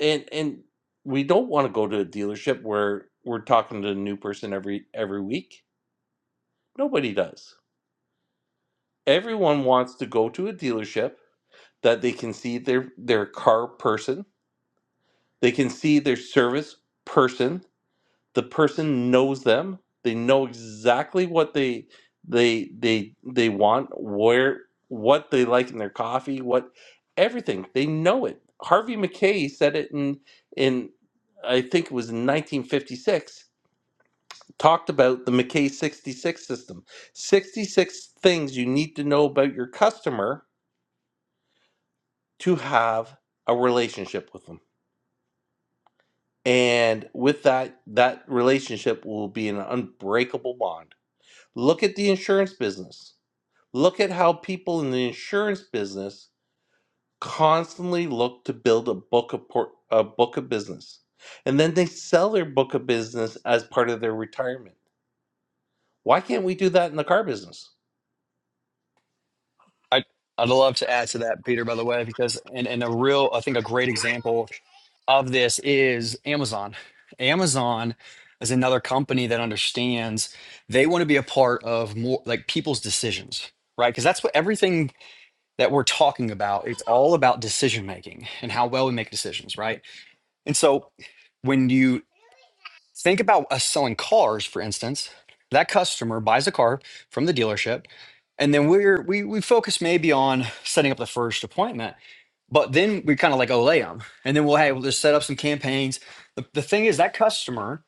[SPEAKER 1] And and we don't want to go to a dealership where we're talking to a new person every every week. Nobody does. Everyone wants to go to a dealership that they can see their their car person they can see their service person the person knows them they know exactly what they they they they want where what they like in their coffee what everything they know it harvey mckay said it in in i think it was in 1956 talked about the mckay 66 system 66 things you need to know about your customer to have a relationship with them And with that, that relationship will be an unbreakable bond. Look at the insurance business. Look at how people in the insurance business constantly look to build a book of por- a book of business, and then they sell their book of business as part of their retirement. Why can't we do that in the car business?
[SPEAKER 5] I, I'd love to add to that, Peter, by the way, because and, and a real, I think a great example of this is Amazon. Amazon is another company that understands they want to be a part of more like people's decisions, right? Because that's what everything that we're talking about, it's all about decision making and how well we make decisions, right? And so when you Think about us selling cars, for instance. That customer buys a car from the dealership, and then we're we we focus maybe on setting up the first appointment, but then we kind of like olay them, and then we'll hey we'll just set up some campaigns. The, the thing is that customer,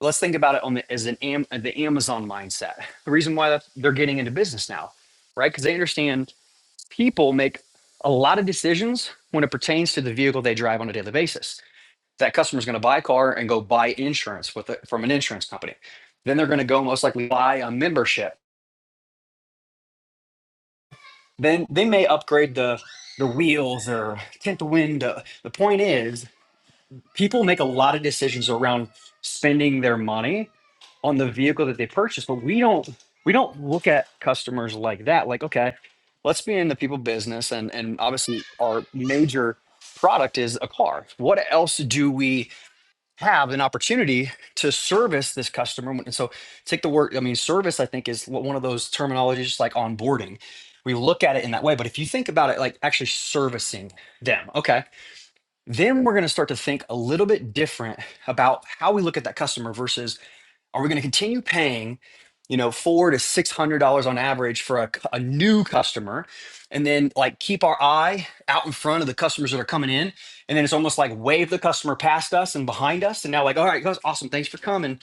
[SPEAKER 5] let's think about it on the as an am, the Amazon mindset. The reason why that they're getting into business now, right? Because they understand people make a lot of decisions when it pertains to the vehicle they drive on a daily basis that customer is going to buy a car and go buy insurance with it from an insurance company. Then they're going to go most likely buy a membership. Then they may upgrade the the wheels or tint the window. The point is, people make a lot of decisions around spending their money on the vehicle that they purchase, but we don't we don't look at customers like that. Like, okay, let's be in the people business, and and obviously our major product is a car. What else do we have an opportunity to service this customer. And so take the word, I mean, service, I think, is one of those terminologies, just like onboarding. We look at it in that way. But if you think about it, like actually servicing them, okay, then we're going to start to think a little bit different about how we look at that customer versus are we going to continue paying, you know, four to six hundred dollars on average for a, a new customer, and then like keep our eye out in front of the customers that are coming in, and then it's almost like wave the customer past us and behind us, and now like, all right, guys, awesome, thanks for coming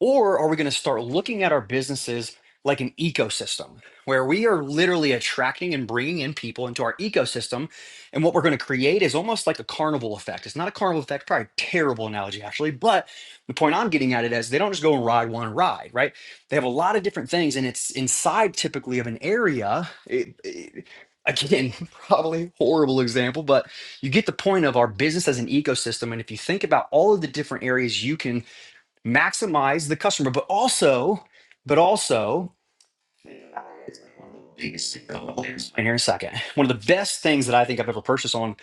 [SPEAKER 5] or are we going to start looking at our businesses like an ecosystem where we are literally attracting and bringing in people into our ecosystem? And what we're going to create is almost like a carnival effect. It's not a carnival effect, probably a terrible analogy, actually. But the point I'm getting at it is they don't just go and ride one ride, right? They have a lot of different things, and it's inside typically of an area. It- it- again, probably horrible example, but you get the point of our business as an ecosystem. And if you think about all of the different areas you can maximize the customer, but also, but also, and here in a second, one of the best things that I think I've ever purchased on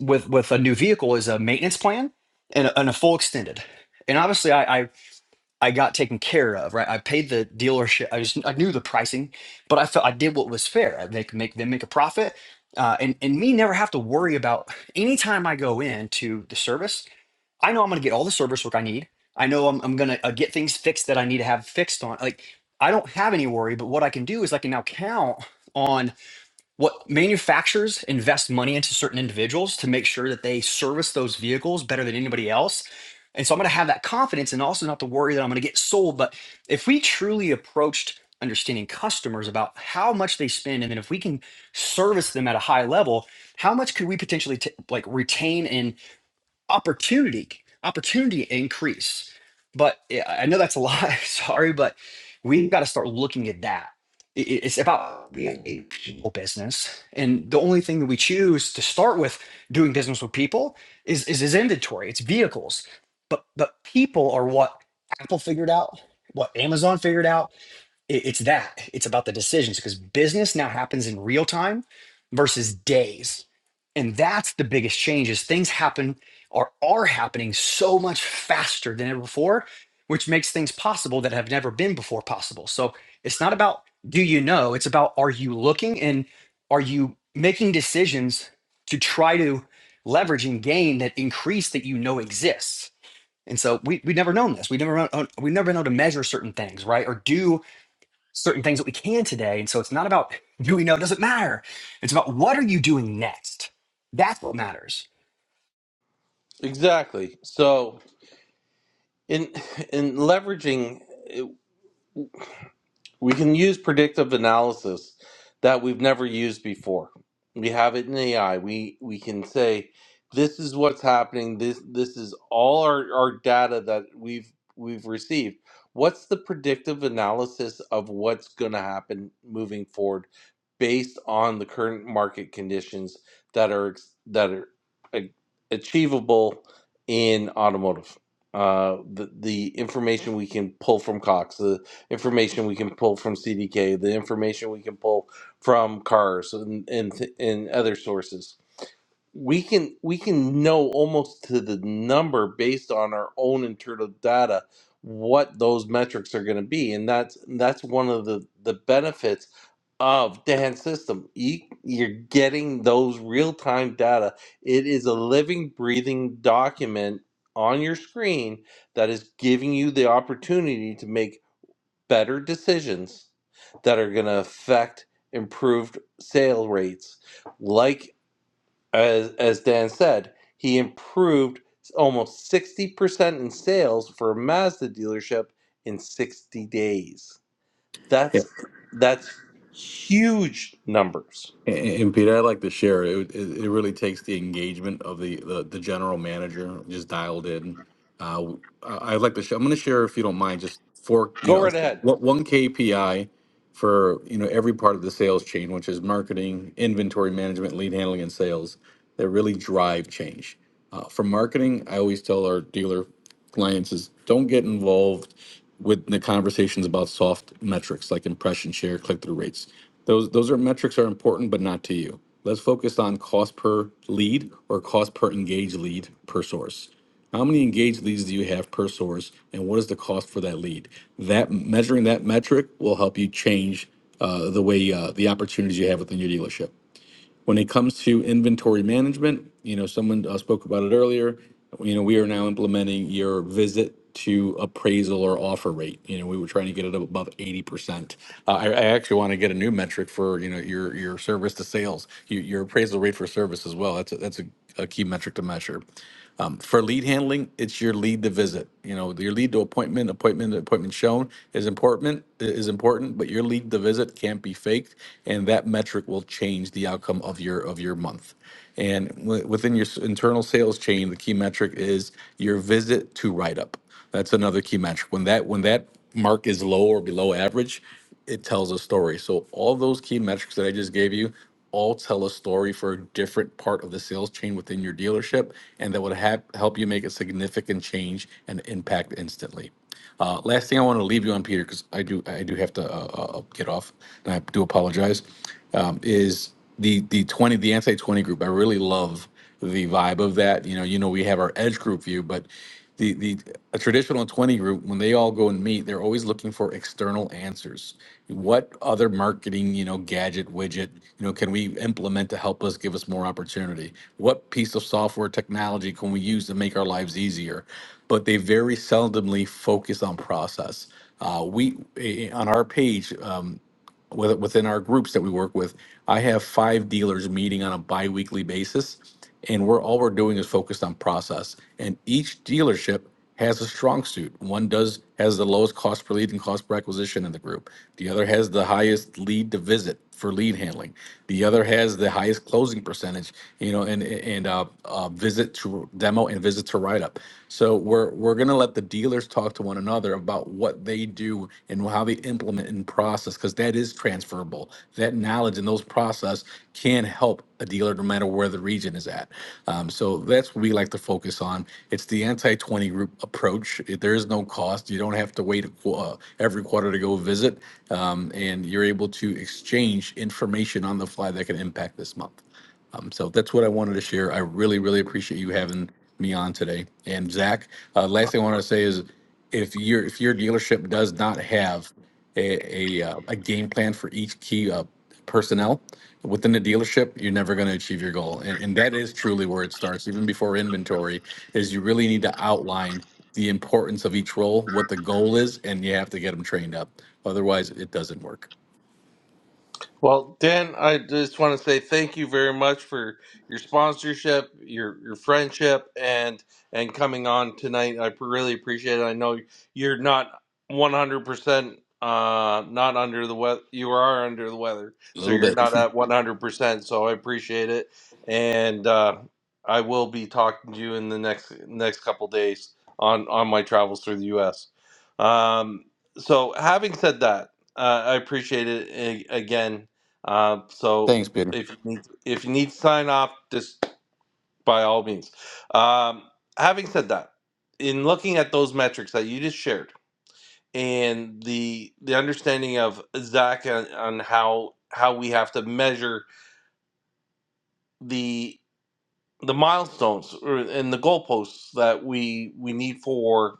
[SPEAKER 5] with with a new vehicle is a maintenance plan and a, and a full extended. And obviously, I, I I got taken care of, right? I paid the dealership. I just I knew the pricing, but I felt I did what was fair. I make make them make a profit, uh, and and me never have to worry about anytime I go into the service. I know I'm going to get all the service work I need. I know I'm, I'm going to uh, get things fixed that I need to have fixed on. Like, I don't have any worry, but what I can do is I can now count on what manufacturers invest money into certain individuals to make sure that they service those vehicles better than anybody else. And so I'm going to have that confidence and also not to worry that I'm going to get sold. But if we truly approached understanding customers about how much they spend, and then if we can service them at a high level, how much could we potentially t- like retain and opportunity opportunity increase but yeah, i know that's a lot sorry but we've got to start looking at that I- i- it's about being a people business and the only thing that we choose to start with doing business with people is is, is inventory it's vehicles but but people are what apple figured out what amazon figured out it- it's that. It's about the decisions because business now happens in real time versus days. And that's the biggest change is things happen or are happening so much faster than ever before, which makes things possible that have never been before possible. So it's not about do you know, it's about are you looking and are you making decisions to try to leverage and gain that increase that you know exists. And so we, we've never known this. We've never, known, we've never been able to measure certain things, right? Or do certain things that we can today. And so it's not about do we know it doesn't matter. It's about what are you doing next? That's what matters.
[SPEAKER 1] Exactly. So in in leveraging. We can use predictive analysis that we've never used before. We have it in AI. We we can say this is what's happening. This this is all our, our data that we've we've received. What's the predictive analysis of what's going to happen moving forward based on the current market conditions that are ex- that are a- achievable in automotive? Uh, the the information we can pull from Cox, information we can pull from CDK, the information we can pull from cars and and, and other sources. We can we can know almost to the number based on our own internal data what those metrics are going to be, and that's that's one of the the benefits of Dan's system. You, you're getting those real time data. It is a living, breathing document on your screen that is giving you the opportunity to make better decisions that are going to affect improved sale rates. Like as as Dan said, he improved almost 60% in sales for a Mazda dealership in 60 days.
[SPEAKER 4] Yeah.
[SPEAKER 1] That's that's huge numbers.
[SPEAKER 4] And, and Peter, I'd like to share it. It, it really takes the engagement of the, the, the general manager just dialed in. Uh, I- I'd like to. share. I'm going to share, if you don't mind, just four. You
[SPEAKER 1] Go
[SPEAKER 4] know,
[SPEAKER 1] right ahead.
[SPEAKER 4] what one KPI for you know every part of the sales chain, which is marketing, inventory management, lead handling, and sales, that really drive change. Uh, for marketing, I always tell our dealer clients is don't get involved with the conversations about soft metrics like impression share, click through rates. Those those are metrics are important, but not to you. Let's focus on cost per lead or cost per engaged lead per source. How many engaged leads do you have per source, and what is the cost for that lead? That measuring that metric will help you change uh, the way uh, the opportunities you have within your dealership. When it comes to inventory management, you know someone uh, spoke about it earlier. You know we are now implementing your visit to appraisal or offer rate. You know we were trying to get it above eighty percent. Uh, I, I actually want to get a new metric for you know your your service to sales, your, your appraisal rate for service as well. That's a, that's a, a key metric to measure um, for lead handling, it's your lead to visit. You know, your lead to appointment, appointment to appointment shown is important is important, but your lead to visit can't be faked, and that metric will change the outcome of your of your month. And w- within your s- internal sales chain, the key metric is your visit to write up. That's another key metric. When that when that mark is low or below average, it tells a story. So all those key metrics that I just gave you all tell a story for a different part of the sales chain within your dealership, and that would have, help you make a significant change and impact instantly. Uh, last thing I want to leave you on, Peter, because I do I do have to uh, uh, uh, get off, and I do apologize. Um, is the the twenty the anti twenty group? I really love the vibe of that. You know, you know, we have our edge group view, but the the a traditional 20 group, when they all go and meet, they're always looking for external answers. What other marketing, you know, gadget, widget, you know, can we implement to help us give us more opportunity? What piece of software technology can we use to make our lives easier? But they very seldomly focus on process. Uh, we eh, on our page. um, with, within our groups that we work with, I have five dealers meeting on a biweekly basis, and we're all we're doing is focused on process. And each dealership has a strong suit. One does has the lowest cost per lead and cost per acquisition in the group. The other has the highest lead to visit for lead handling. The other has the highest closing percentage, you know, and and uh, uh, visit to demo and visit to write up. So we're we're gonna let the dealers talk to one another about what they do and how they implement and process, because that is transferable. That knowledge and those processes process can help a dealer no matter where the region is at. Um, so that's what we like to focus on. It's the anti 20 group approach. It- There is no cost. You don't have to wait a, uh, every quarter to go visit, um, and you're able to exchange information on the fly that can impact this month. Um, so that's what I wanted to share. I really, really appreciate you having me on today. And Zach, uh, last thing I want to say is, if your if your dealership does not have a a, uh, a game plan for each key uh, personnel within the dealership, you're never going to achieve your goal. And, and that is truly where it starts, even before inventory, is you really need to outline the importance of each role, what the goal is, and you have to get them trained up. Otherwise, it doesn't work.
[SPEAKER 1] Well, Dan, I just want to say thank you very much for your sponsorship, your your friendship, and and coming on tonight. I really appreciate it. I know you're not 100 percent uh not under the weather you are under the weather
[SPEAKER 4] A
[SPEAKER 1] so
[SPEAKER 4] little
[SPEAKER 1] you're
[SPEAKER 4] bit.
[SPEAKER 1] not at 100% so i appreciate it and uh i will be talking to you in the next next couple days on on my travels through the us um so having said that uh, i appreciate it a- again uh, so
[SPEAKER 4] Thanks, Peter.
[SPEAKER 1] if you need if you need to sign off, just by all means. Um, having said that, in looking at those metrics that you just shared and the the understanding of Zach on, on how how we have to measure the the milestones or, and the goalposts that we we need for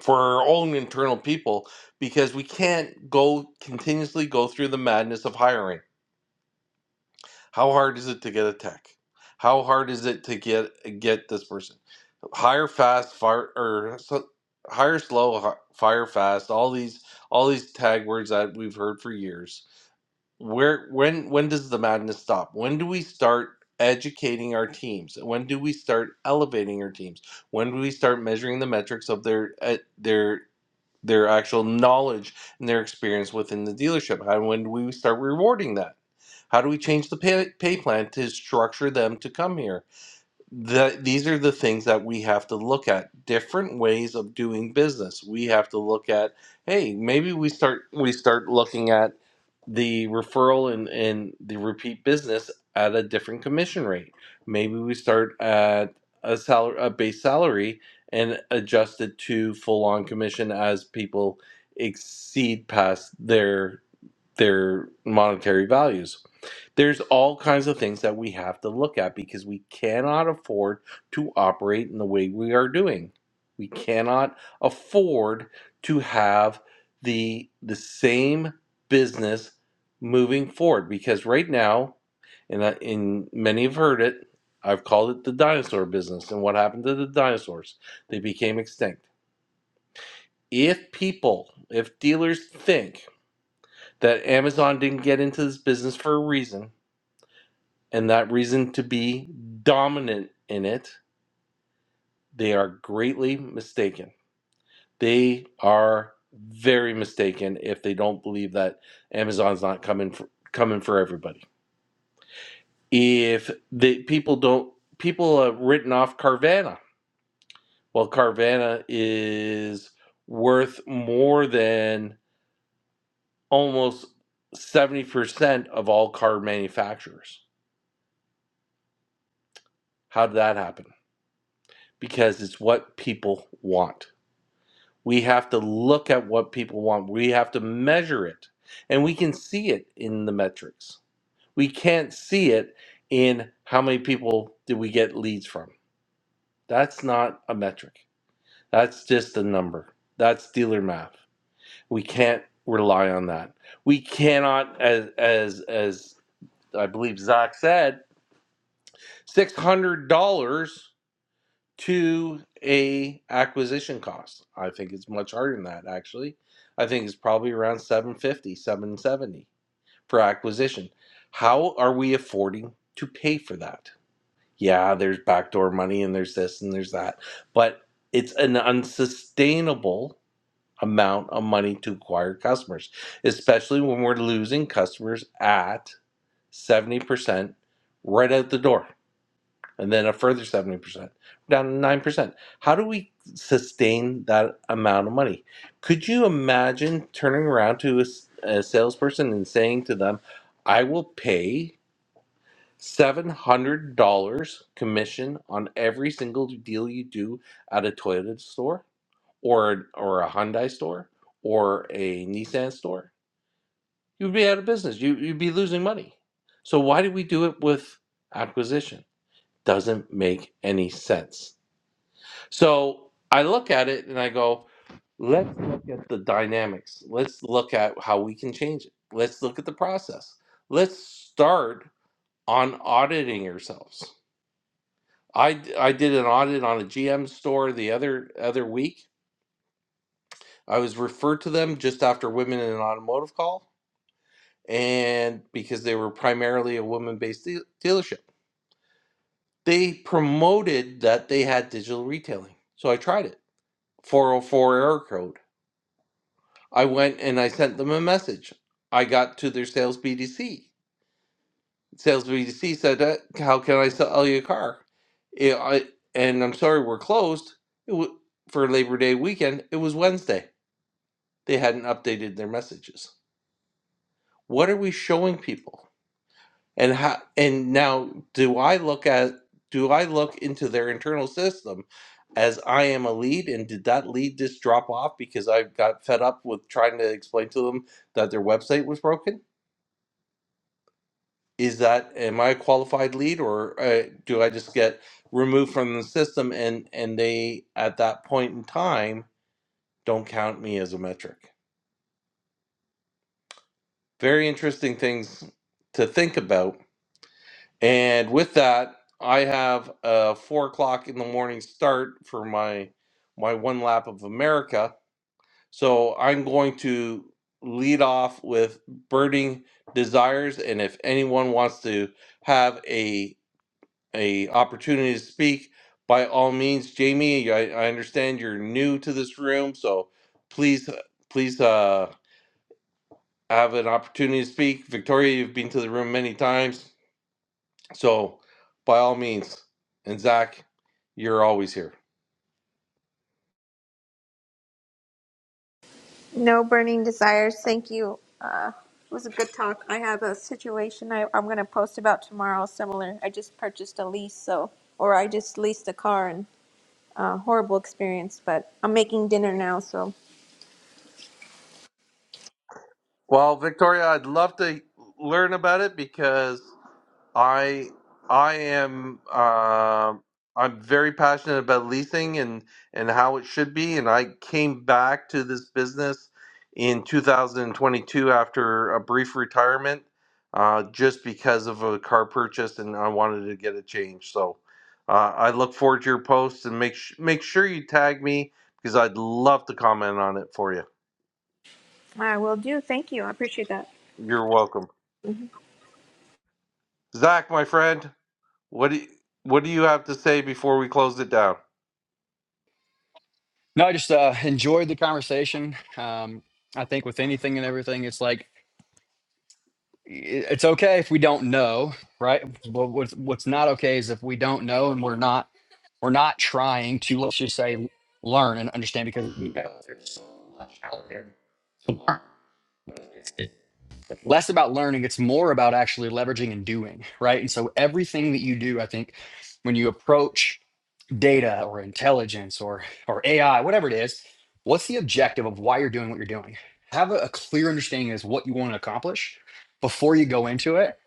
[SPEAKER 1] for our own internal people because we can't go continuously go through the madness of hiring How hard is it to get a tech? How hard is it to get get this person? Hire fast, fire or so, hire slow, fire fast. All these all these tag words that we've heard for years. Where when when does the madness stop? When do we start educating our teams? When do we start elevating our teams? When do we start measuring the metrics of their uh, their their actual knowledge and their experience within the dealership. How and when do we start rewarding that? How do we change the pay, pay plan to structure them to come here? that these are the things that we have to look at different ways of doing business we have to look at hey maybe we start we start looking at the referral and, and the repeat business at a different commission rate maybe we start at a salary a base salary and adjust it to full on commission as people exceed past their their monetary values. There's all kinds of things that we have to look at because we cannot afford to operate in the way we are doing. We cannot afford to have the the same business moving forward because right now, and I, and many have heard it, I've called it the dinosaur business. And what happened to the dinosaurs? They became extinct. If people, if dealers think that Amazon didn't get into this business for a reason, and that reason to be dominant in it, they are greatly mistaken. They are very mistaken if they don't believe that Amazon's not coming for, coming for everybody. If the people don't people have written off Carvana, well Carvana is worth more than almost 70% of all car manufacturers. How did that happen? because it's what people want. We have to look at what people want. We have to measure it. And we can see it in the metrics. We can't see it in how many people did we get leads from. That's not a metric. That's just a number. That's dealer math. We can't rely on that. We cannot as as as I believe Zach said, $600 to a acquisition cost. I think it's much harder than that actually. I think it's probably around seven fifty, seven seventy for acquisition. How are we affording to pay for that? Yeah, there's backdoor money and there's this and there's that, but it's an unsustainable amount of money to acquire customers, especially when we're losing customers at 70% right out the door and then a further 70%, down to 9%. How do we sustain that amount of money? Could you imagine turning around to a a salesperson and saying to them, I will pay $700 commission on every single deal you do at a Toyota store or, or a Hyundai store or a Nissan store? You'd be out of business. You, you'd be losing money. So, why did we do it with acquisition? doesn't make any sense. So I look at it and I go, let's look at the dynamics. Let's look at how we can change it. Let's look at the process. Let's start on auditing ourselves. I I did an audit on a GM store the other other week. I was referred to them just after women in an automotive call and because they were primarily a woman-based deal dealership. They promoted that they had digital retailing. So I tried it. 404 error code. I went and I sent them a message. I got to their sales BDC. Sales BDC said, uh, "How can I sell you a car?" It, I, and I'm sorry, we're closed it wa- for Labor Day weekend. It was Wednesday. They hadn't updated their messages. What are we showing people? and how and now do i look at do i look into their internal system as i am a lead and did that lead just drop off because i got fed up with trying to explain to them that their website was broken is that am i a qualified lead or uh, do i just get removed from the system and and they at that point in time don't count me as a metric very interesting things to think about And with that, I have a four o'clock in the morning start for my my one lap of America. So I'm going to lead off with burning desires, and if anyone wants to have a a opportunity to speak, by all means, Jamie, I, I understand you're new to this room, so please please uh, have an opportunity to speak. Victoria, you've been to the room many times so, by all means, and Zach, you're always here.
[SPEAKER 8] No burning desires. Thank you. Uh, it was a good talk. I have a situation I, I'm going to post about tomorrow. Similar. I just purchased a lease, so or I just leased a car and uh, horrible experience. But I'm making dinner now, so
[SPEAKER 1] Well, Victoria, I'd love to learn about it because I I am uh, I'm very passionate about leasing and and how it should be. And I came back to this business in 2022 after a brief retirement, uh, just because of a car purchase, and I wanted to get a change. So uh, I look forward to your posts and make sh- make sure you tag me because I'd love to comment on it for you.
[SPEAKER 8] I will do. Thank you. I appreciate that.
[SPEAKER 1] You're welcome, Zach, my friend. What do you, what do you have to say before we close it down?
[SPEAKER 5] No, I just uh, enjoyed the conversation. Um, I think with anything and everything, it's like i- it's okay if we don't know, right? But what's what's not okay is if we don't know and we're not we're not trying to let's just say learn and understand because we don't. less about learning it's more about actually leveraging and doing right and so everything that you do i think when you approach data or intelligence or or ai whatever it is what's the objective of why you're doing what you're doing have a, a clear understanding as what you want to accomplish before you go into it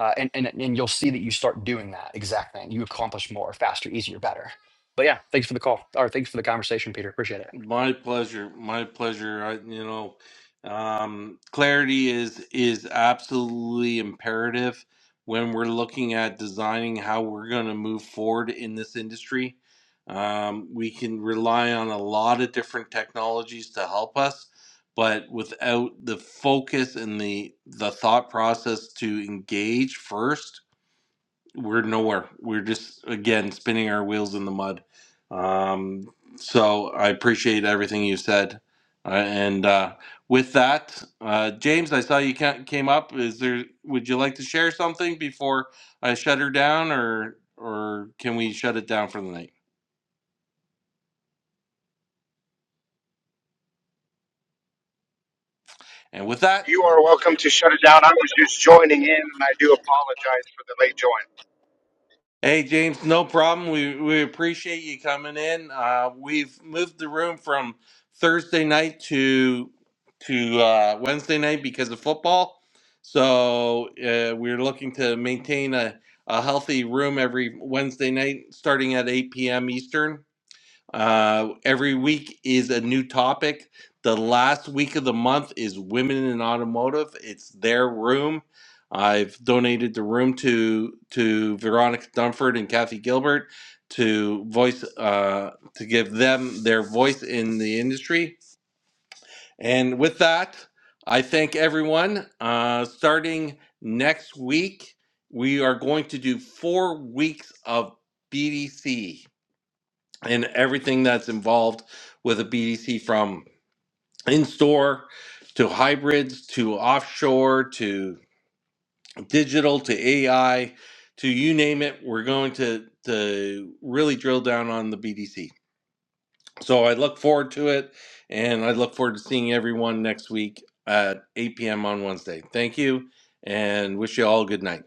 [SPEAKER 5] uh, and, and and you'll see that you start doing that exact thing you accomplish more faster easier better but yeah thanks for the call or thanks for the conversation peter appreciate it
[SPEAKER 1] My pleasure. My pleasure. I, you know, um, clarity is is absolutely imperative when we're looking at designing how we're going to move forward in this industry. Um, we can rely on a lot of different technologies to help us, but without the focus and the the thought process to engage first we're nowhere. We're just again spinning our wheels in the mud. Um, so I appreciate everything you said. Uh, and uh, with that, uh, James, I saw you ca- came up. Is there? Would you like to share something before I shut her down, or or can we shut it down for the night? And with that.
[SPEAKER 9] You are welcome to shut it down. I was just joining in, and I do apologize for the late join.
[SPEAKER 1] Hey James, no problem. We we appreciate you coming in. Uh, we've moved the room from Thursday night to to uh, Wednesday night because of football. So uh, we're looking to maintain a, a healthy room every Wednesday night, starting at eight p.m. Eastern. Uh, every week is a new topic. The last week of the month is women in automotive. It's their room. I've donated the room to to Veronica Dunford and Kathy Gilbert to voice uh, to give them their voice in the industry. And with that, I thank everyone. Uh, starting next week, we are going to do four weeks of BDC and everything that's involved with a BDC from in store to hybrids to offshore to digital to AI to you name it. We're going to, to really drill down on the BDC. So I look forward to it and I look forward to seeing everyone next week at 8 p.m. on Wednesday. Thank you and wish you all a good night.